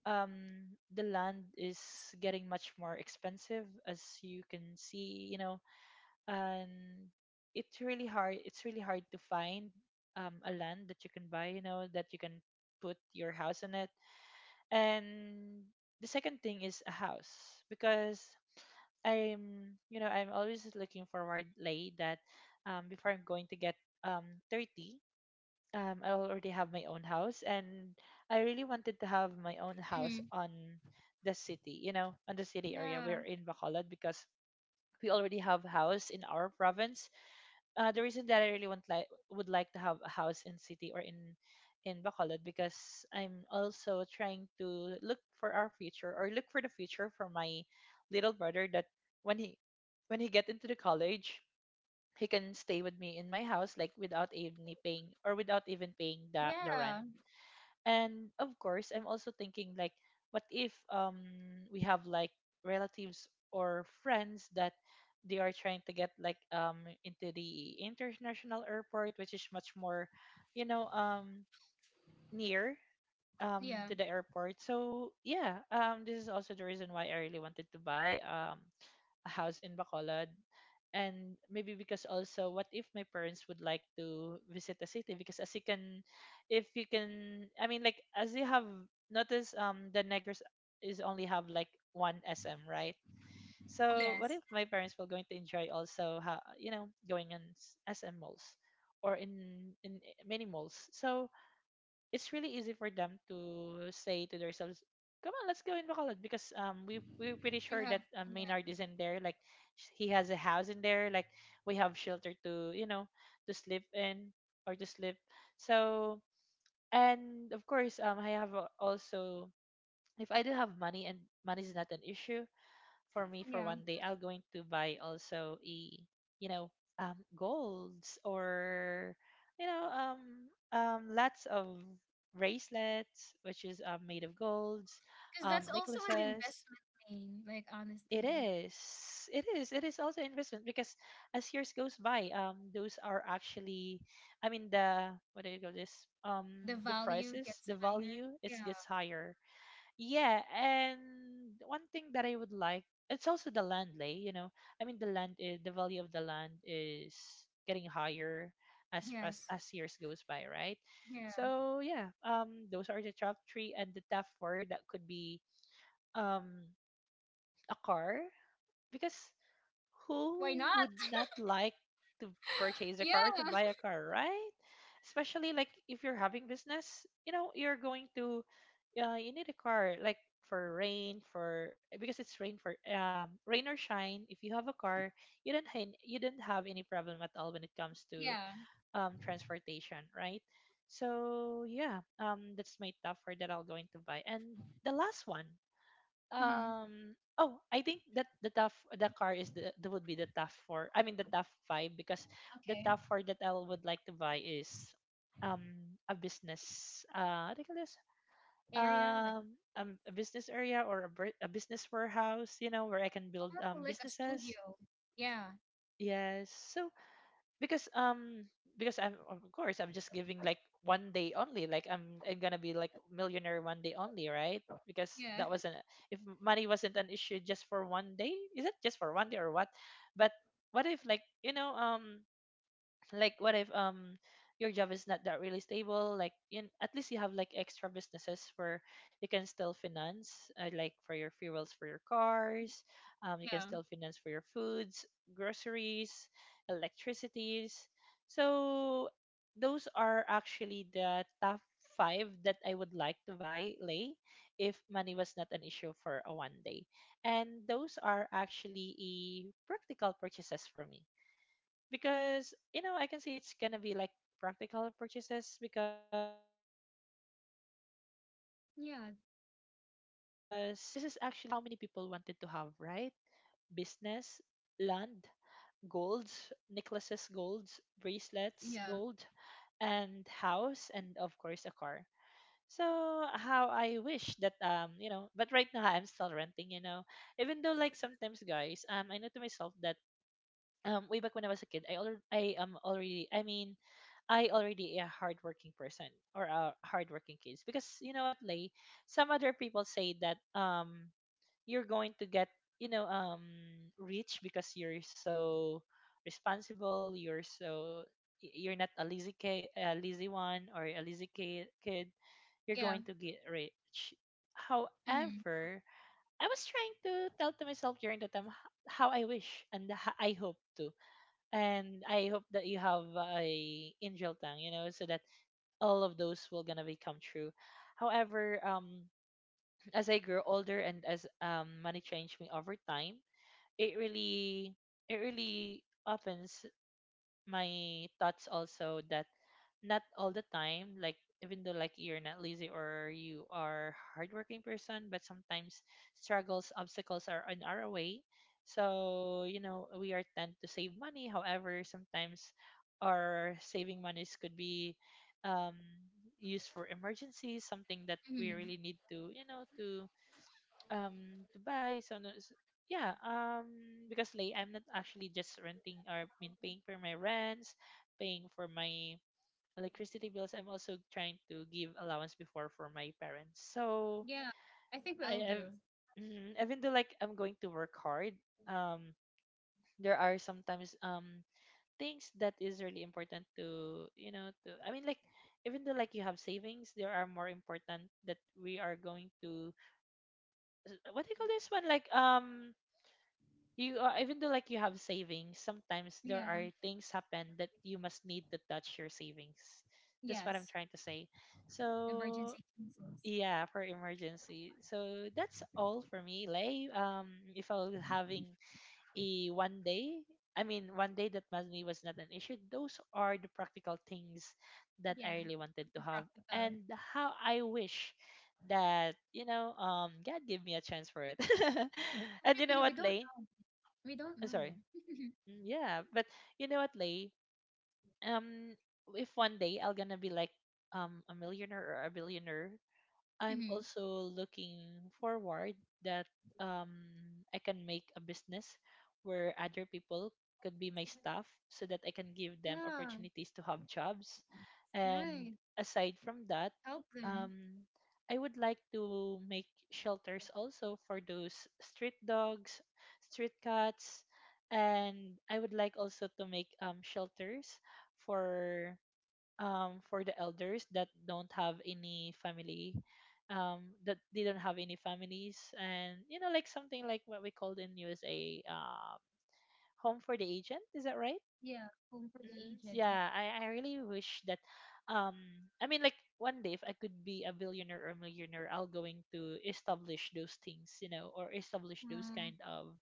Speaker 2: um the land is getting much more expensive, as you can see, you know. And it's really hard, it's really hard to find a land that you can buy, you know, that you can put your house on it. And the second thing is a house because I'm you know I'm always looking forward, Lay, that before I'm going to get um 30, I already have my own house, and I really wanted to have my own house
Speaker 1: Mm.
Speaker 2: on the city, you know, on the city area.
Speaker 1: Yeah.
Speaker 2: We're in Bacolod because we already have a house in our province. The reason that I really want, like, would like to have a house in city or in Bacolod because I'm also trying to look for our future or look for the future for my little brother, that when he, when he get into the college, he can stay with me in my house like without even paying, or without even paying the rent.
Speaker 1: Yeah.
Speaker 2: And of course I'm also thinking like, what if we have like relatives or friends that they are trying to get like into the international airport, which is much more, you know, near
Speaker 1: Yeah.
Speaker 2: to the airport. So yeah, this is also the reason why I really wanted to buy a house in Bacolod. And maybe because also, what if my parents would like to visit the city? Because as you can, if you can, I mean, like as you have noticed, the Negros is only have like one SM, right? So what
Speaker 1: Yes.
Speaker 2: if my parents were going to enjoy also, you know, going in SM malls or in many malls? So it's really easy for them to say to themselves, "Come on, let's go in Bacolod," because we we're pretty
Speaker 1: You
Speaker 2: sure
Speaker 1: have.
Speaker 2: that Maynard
Speaker 1: Yeah.
Speaker 2: is in there. Like, he has a house in there. Like, we have shelter to, you know, to sleep in or to sleep. So and of course, I have also, if I do have money and money is not an issue, for me for
Speaker 1: Yeah.
Speaker 2: one day, I'll going to buy also a, you know, golds, or you know, lots of bracelets, which is made of golds,
Speaker 1: Because that's also an
Speaker 2: necklaces.
Speaker 1: investment, lane, like,
Speaker 2: It
Speaker 1: honestly.
Speaker 2: is, it is also investment because as years goes by, those are actually, I mean, the, what do you call this,
Speaker 1: The
Speaker 2: the
Speaker 1: value
Speaker 2: prices,
Speaker 1: gets
Speaker 2: the
Speaker 1: higher.
Speaker 2: value, it
Speaker 1: Yeah.
Speaker 2: gets higher. Yeah, and one thing that I would like, it's also the land, Lay, you know. I mean the land is, the value of the land is getting higher as
Speaker 1: Yes.
Speaker 2: as years goes by, right?
Speaker 1: Yeah.
Speaker 2: So yeah, those are the top three, and the top four that could be um a car, because
Speaker 1: Why
Speaker 2: who
Speaker 1: not?
Speaker 2: would not like to purchase a car, to
Speaker 1: Yeah.
Speaker 2: buy a car, right? Especially like if you're having business, you know, you're going to, you need a car like for rain, for, because it's rain, for rain or shine. If you have a car, you don't have any problem at all when it comes to
Speaker 1: Yeah.
Speaker 2: transportation, right? So yeah, that's my top four that I'll going to buy. And the last one,
Speaker 1: Mm-hmm.
Speaker 2: oh, I think that the car is the, that would be the tough four, I mean the tough five, because the
Speaker 1: Okay.
Speaker 2: tough four that I would like to buy is um a business, uh, what do you call this?
Speaker 1: Area, like,
Speaker 2: A business area, or a business warehouse, you know, where I can build
Speaker 1: oh, like a
Speaker 2: businesses.
Speaker 1: studio. Yeah.
Speaker 2: Yes, so because um because I'm, of course I'm just giving like one day only, like I'm gonna be like millionaire one day only, right? Because
Speaker 1: Yeah.
Speaker 2: that wasn't, if money wasn't an issue just for one day, is it just for one day or what? But what if like, you know, like what if your job is not that really stable? Like in, at least you have like extra businesses where you can still finance, like for your fuels for your cars,
Speaker 1: Yeah.
Speaker 2: you can still finance for your foods, groceries, electricities. So those are actually the top five that I would like to buy, Lay, if money was not an issue for a one day. And those are actually a practical purchases for me because, you know, I can see it's gonna be like practical purchases, because if you're going to think
Speaker 1: Yeah.
Speaker 2: about it, this is actually how many people wanted to have, right? Business, land, golds, necklaces, golds, bracelets,
Speaker 1: Yeah.
Speaker 2: gold, and house, and of course a car. So how I wish that, you know, but right now I'm still renting, you know. Even though like sometimes guys, I know to myself that way back when I was a kid, I am already I mean I already a hardworking person, or a hardworking kids, because you know what, Lay, some other people say that, you're going to get, you know, rich because you're so responsible, you're so, you're not a lazy kid, a lazy one or a lazy kid. Kid. You're
Speaker 1: Yeah.
Speaker 2: going to get rich.
Speaker 1: Mm-hmm.
Speaker 2: However, I was trying to tell to myself during the time, how I wish, and I hope to, and I hope that you have a angel tongue, you know, so that all of those will gonna become true. However, as I grow older and as money changed me over time, it really, it really opens my thoughts also that not all the time like, even though like you're not lazy or you are hardworking person, but sometimes struggles, obstacles are on our way. So you know, we are tend to save money, however sometimes our saving monies could be um used for emergencies, something that we
Speaker 1: Mm-hmm.
Speaker 2: really need to, you know, to buy. So yeah, because like I'm not actually just renting, or I mean paying for my rents, paying for my electricity bills. I'm also trying to give allowance before for my parents. So
Speaker 1: Yeah. I think we
Speaker 2: I
Speaker 1: all
Speaker 2: have,
Speaker 1: do.
Speaker 2: even though like I'm going to work hard, um, there are sometimes things that is really important to, you know, to, I mean like, even though like you have savings, there are more important that we are going to, what do you call this one, like, You, even though like you have savings, sometimes there
Speaker 1: Yeah.
Speaker 2: are things happen that you must need to touch your savings. That's what I'm
Speaker 1: Yes.
Speaker 2: trying to say. So
Speaker 1: Emergency cases.
Speaker 2: yeah, for emergency. So that's all for me, Lay. If I was having a one day, I mean, one day that money was not an issue, those are the practical things that
Speaker 1: Yeah.
Speaker 2: I really wanted to
Speaker 1: Super
Speaker 2: have.
Speaker 1: practical.
Speaker 2: And how I wish that, you know, God gave me a chance for it. And you
Speaker 1: Actually, yeah,
Speaker 2: know
Speaker 1: we
Speaker 2: what,
Speaker 1: don't
Speaker 2: Lay?
Speaker 1: know. We don't
Speaker 2: I'm
Speaker 1: know.
Speaker 2: sorry. Yeah, but you know what, Lay? Um, if one day I'll gonna be like a millionaire or a billionaire, I'm
Speaker 1: Mm-hmm.
Speaker 2: also looking forward that um, I can make a business where other people could be my staff, so that I can give them
Speaker 1: Yeah,
Speaker 2: opportunities to have jobs. And
Speaker 1: right.
Speaker 2: aside from that,
Speaker 1: Help them.
Speaker 2: um, I would like to make shelters also for those street dogs, street cats, and I would like also to make shelters for for the elders that don't have any family, that didn't have any families, and you know, like something like what we called in USA, home for the agent, is that right?
Speaker 1: Yeah, home for the aged. Yeah.
Speaker 2: Yeah, I really wish that um I mean like, one day if I could be a billionaire or millionaire, I'll going to establish those things, you know, or establish those
Speaker 1: Um,
Speaker 2: kind of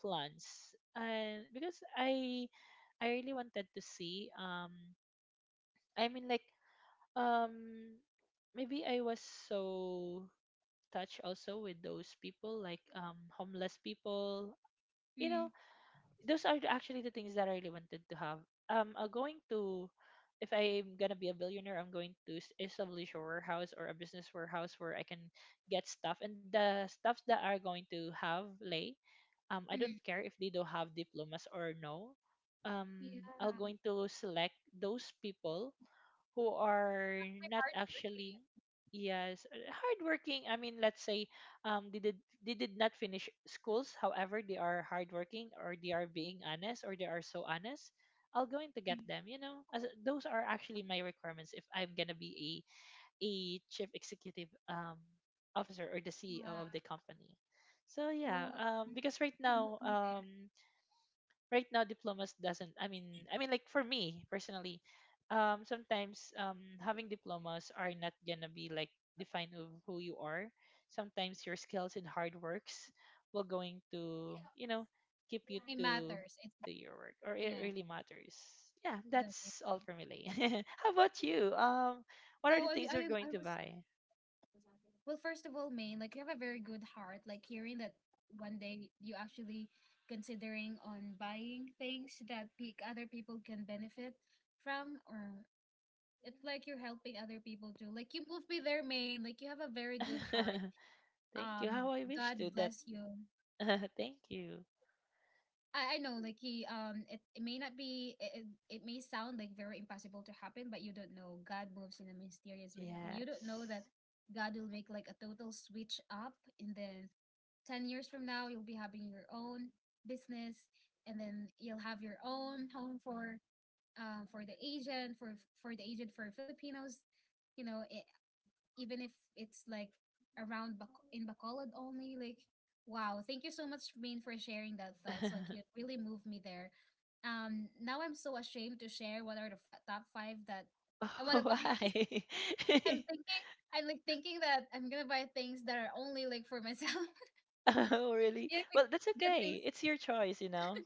Speaker 2: plans, and because I really wanted to see, I mean like, um maybe I was so touched also with those people, like homeless people, you know.
Speaker 1: mm,
Speaker 2: Those are the, actually, the things that I really wanted to have, going to, if I'm gonna be a billionaire, I'm going to establish a warehouse or a business warehouse where I can get stuff, and the stuffs that are going to have, Lay, I don't
Speaker 1: mm.
Speaker 2: care if they don't have diplomas or no, I'll
Speaker 1: Yeah.
Speaker 2: going to select those people who are
Speaker 1: My
Speaker 2: not
Speaker 1: hard
Speaker 2: actually,
Speaker 1: working.
Speaker 2: yes, hardworking. I mean, let's say um they did they did not finish schools, however they are hardworking, or they are being honest, or they are so honest, I'll going to get
Speaker 1: Mm.
Speaker 2: them, you know, as those are actually my requirements if I'm gonna be a chief executive officer or the CEO
Speaker 1: Wow.
Speaker 2: of the company. So yeah,
Speaker 1: Oh, mm,
Speaker 2: because right
Speaker 1: you
Speaker 2: now
Speaker 1: moved me there.
Speaker 2: right now diplomas doesn't, I mean, I mean like for me personally, sometimes having diplomas are not gonna be like define of who you are. Sometimes your skills and hard works will going to, you know, keep you
Speaker 1: It
Speaker 2: to
Speaker 1: matters. It,
Speaker 2: to your work, or it
Speaker 1: yeah.
Speaker 2: really matters. Yeah,
Speaker 1: Does it
Speaker 2: that's all
Speaker 1: matter?
Speaker 2: for me, Lay. How about you?
Speaker 1: Well,
Speaker 2: What are
Speaker 1: I,
Speaker 2: the things you're
Speaker 1: I I
Speaker 2: going to
Speaker 1: was
Speaker 2: buy?
Speaker 1: well. First of all, Maine, like you have a very good heart. Like hearing that one day you actually considering on buying things that other people can benefit from or it's like you're helping other people too. Like you move me there, Maine. Like you have a very good heart.
Speaker 2: Thank you.
Speaker 1: Um,
Speaker 2: How I
Speaker 1: God
Speaker 2: wish to that.
Speaker 1: bless you.
Speaker 2: Thank you.
Speaker 1: I know, like he it, it may not be it may sound like very impossible to happen, but you don't know. God moves in a mysterious way, so you don't know that
Speaker 2: Yes.
Speaker 1: God will make like a total switch up, and then 10 years from now you'll be having your own business, and then you'll have your own home for um for the Asian for for the Asian for Filipinos, you know, even if it's like in Bacolod only. Like, wow, thank you so much, Rain, for sharing that thoughts. Like, you really moved me there. Now I'm so ashamed to share what are the top five that I want
Speaker 2: Oh,
Speaker 1: to buy because
Speaker 2: why?
Speaker 1: I'm thinking, I'm like thinking that I'm gonna buy things that are only like for myself.
Speaker 2: Oh, really?
Speaker 1: Yeah, like
Speaker 2: Well, that's
Speaker 1: the things.
Speaker 2: okay. It's your choice, you know.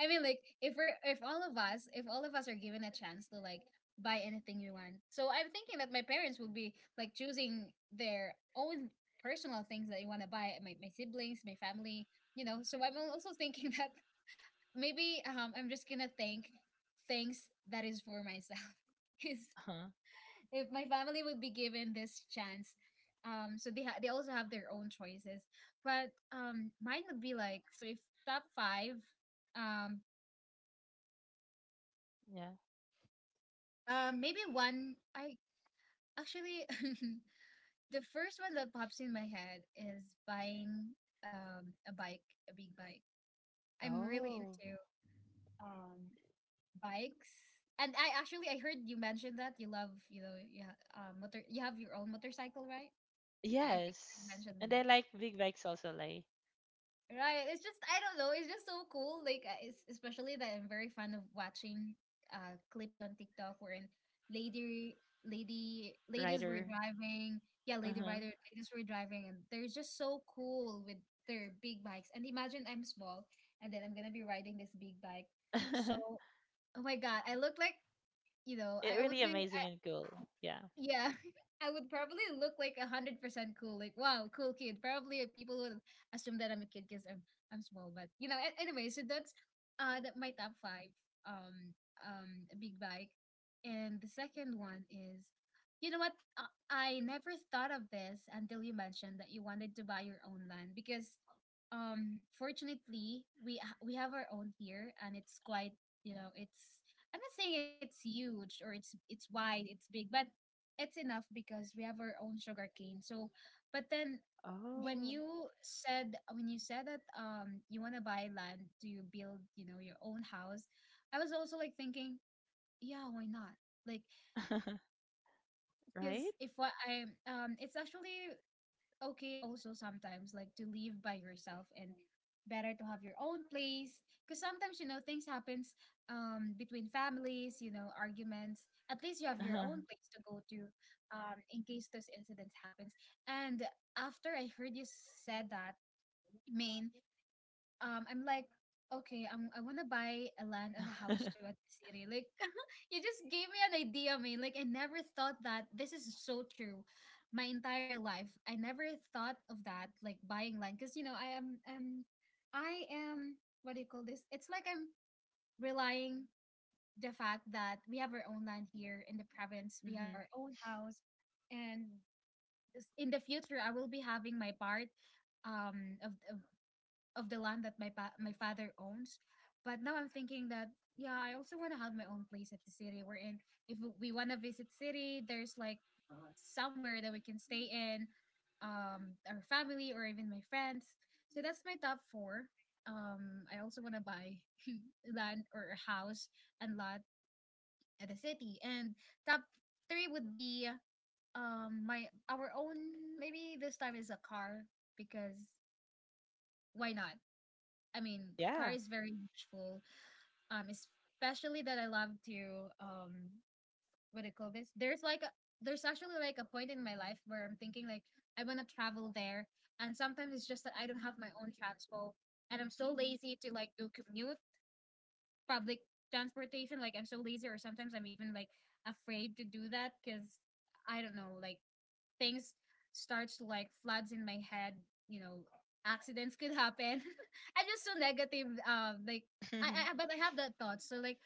Speaker 1: I mean, like if we're if all of us if all of us are given a chance to like buy anything you want, so I'm thinking that my parents will be like choosing their own personal things that you want to buy. My siblings, my family, you know. So I'm also thinking that maybe I'm just gonna think things that is for myself. Is
Speaker 2: Uh-huh.
Speaker 1: if my family would be given this chance, so they also have their own choices, but mine would be like, so if top five. um
Speaker 2: Yeah.
Speaker 1: Maybe one. I actually, the first one that pops in my head is buying a bike, a big bike. I'm really
Speaker 2: Oh,
Speaker 1: into um bikes, and I heard you mentioned that you love, you know, you have your own motorcycle, right? I think you
Speaker 2: yes.
Speaker 1: mentioned with
Speaker 2: And I
Speaker 1: the
Speaker 2: like big bikes also, like
Speaker 1: right. It's just I don't know. It's just so cool. Like it's, especially that I'm very fond of watching clips on TikTok wherein lady lady ladies were
Speaker 2: rider.
Speaker 1: driving. Yeah, lady
Speaker 2: Uh-huh.
Speaker 1: rider ladies were driving and they're just so cool with their big bikes. And imagine I'm small and then I'm gonna be riding this big bike. So, oh my god, I look like, you know,
Speaker 2: It
Speaker 1: I would
Speaker 2: really
Speaker 1: be
Speaker 2: amazing and cool. Yeah.
Speaker 1: yeah, I would probably look like 100% cool. Like, wow, cool kid. Probably people would assume that I'm a kid because I'm small. But you know, anyway. So that's that my top five. Um, a big bike, and the second one is, you know what? I never thought of this until you mentioned that you wanted to buy your own land because, fortunately
Speaker 2: Mm-hmm.
Speaker 1: we have our own here and it's quite, you know, it's, I'm not saying it's huge or it's wide, it's big, but it's enough because we have our own sugar cane. So, but then
Speaker 2: Oh.
Speaker 1: when you said that you want to buy land to build, you know, your own house, I was also like thinking, yeah, why not? Like, because
Speaker 2: Right?
Speaker 1: if what I it's actually okay also sometimes like to live by yourself and better to have your own place because sometimes, you know, things happens, between families, you know, arguments, at least you have your
Speaker 2: Uh-huh.
Speaker 1: own place to go to, in case those incidents happens. And after I heard you said that, main, I'm like, okay, I wanna buy a land and a house too at the city. Like, you just gave me an idea, man. Like I never thought that this is so true. My entire life, I never thought of that, like buying land. Cause you know, I am what do you call this? It's like I'm relying the fact that we have our own land here in the province, we have
Speaker 2: Mm-hmm.
Speaker 1: our own house, and in the future I will be having my part um of, of of the land that my father owns. But now I'm thinking that yeah, I also want to have my own place at the city. We're in. If we want to visit city, there's like somewhere that we can stay in, our family or even my friends. So that's my top four. I also want to buy land or a house and lot at the city. And top three would be my our own. Maybe this time is a car because why not? I mean,
Speaker 2: Yeah.
Speaker 1: car is very useful. Especially that I love to what do you call this? There's actually like a point in my life where I'm thinking like I wanna travel there, and sometimes it's just that I don't have my own transport, and I'm so lazy to like do commute, public transportation. Like I'm so lazy, or sometimes I'm even like afraid to do that because I don't know, like things starts to like floods in my head, you know, accidents could happen. I'm just so negative, like I but I have that thought. So like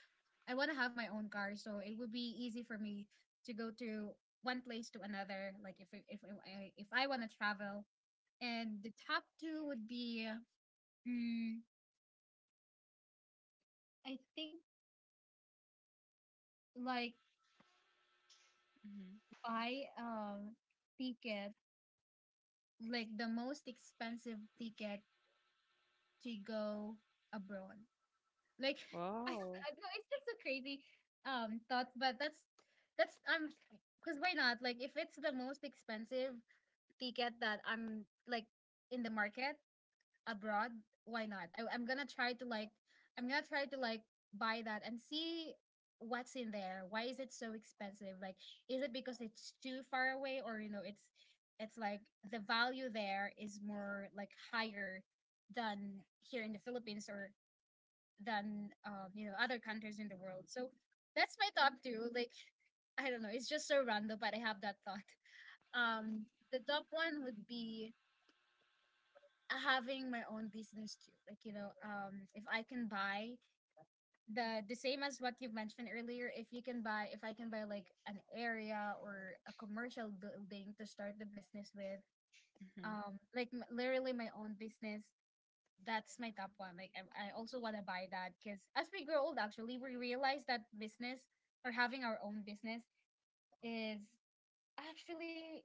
Speaker 1: I want to have my own car so it would be easy for me to go to one place to another, like if I want to travel. And the top two would be mm, I think like
Speaker 2: Mm-hmm.
Speaker 1: buy ticket, like the most expensive ticket to go abroad. Like I don't
Speaker 2: Wow.
Speaker 1: know, it's just so crazy thought, but that's I'm, because why not? Like if it's the most expensive ticket that I'm like in the market abroad, why not? I'm gonna try to like buy that and see what's in there. Why is it so expensive? Like is it because it's too far away or, you know, it's like the value there is more like higher than here in the Philippines or than you know, other countries in the world. So that's my top two. Like I don't know, it's just so random, but I have that thought. Um, the top one would be having my own business too. Like, you know, if I can buy the same as what you've mentioned earlier, if I can buy like an area or a commercial building to start the business with,
Speaker 2: Mm-hmm.
Speaker 1: like literally my own business, that's my top one. Like I also want to buy that because as we grow old, actually, we realize that business or having our own business is actually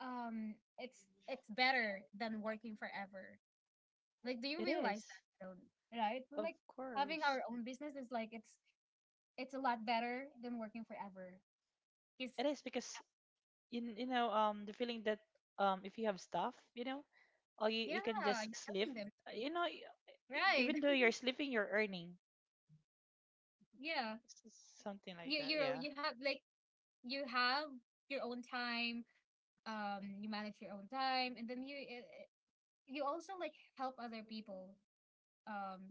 Speaker 1: it's better than working forever. Like, do you
Speaker 2: It
Speaker 1: realize
Speaker 2: is.
Speaker 1: that, Tyrone? Right? But,
Speaker 2: Of
Speaker 1: like having
Speaker 2: course.
Speaker 1: our own business is like it's a lot better than working forever. Because
Speaker 2: It is because you know, the feeling that if you have stuff, you know, or you can
Speaker 1: yeah,
Speaker 2: just
Speaker 1: you're
Speaker 2: sleep.
Speaker 1: helping them too,
Speaker 2: You know,
Speaker 1: right?
Speaker 2: even though you're sleeping, you're earning.
Speaker 1: Yeah,
Speaker 2: Something like
Speaker 1: you
Speaker 2: that,
Speaker 1: you
Speaker 2: yeah.
Speaker 1: you have like you have your own time, you manage your own time, and then you you also like help other people, um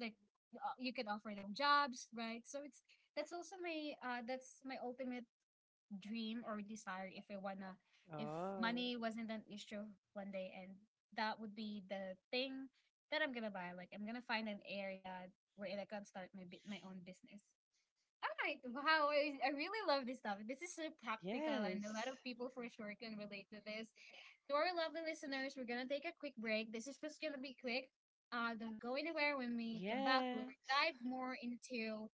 Speaker 1: like you can offer them jobs, right? So it's that's also my that's my ultimate dream or desire if I wanna, if
Speaker 2: Oh,
Speaker 1: money wasn't an issue one day, and that would be the thing that I'm gonna buy. Like I'm gonna find an area where I can start my own business. Right. Wow. I really love this topic. This is so practical, and a lot
Speaker 2: yes,
Speaker 1: of people for sure can relate to this. To our lovely listeners, we're going to take a quick break. This is just going to be quick. Don't go anywhere. When we come back, we'll
Speaker 2: yes,
Speaker 1: dive more into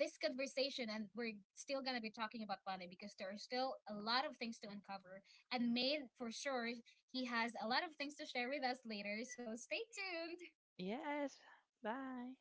Speaker 1: this conversation, and we're still going to be talking about Bunny because there are still a lot of things to uncover. And Maine, for sure, he has a lot of things to share with us later. So stay tuned.
Speaker 2: yes. Bye.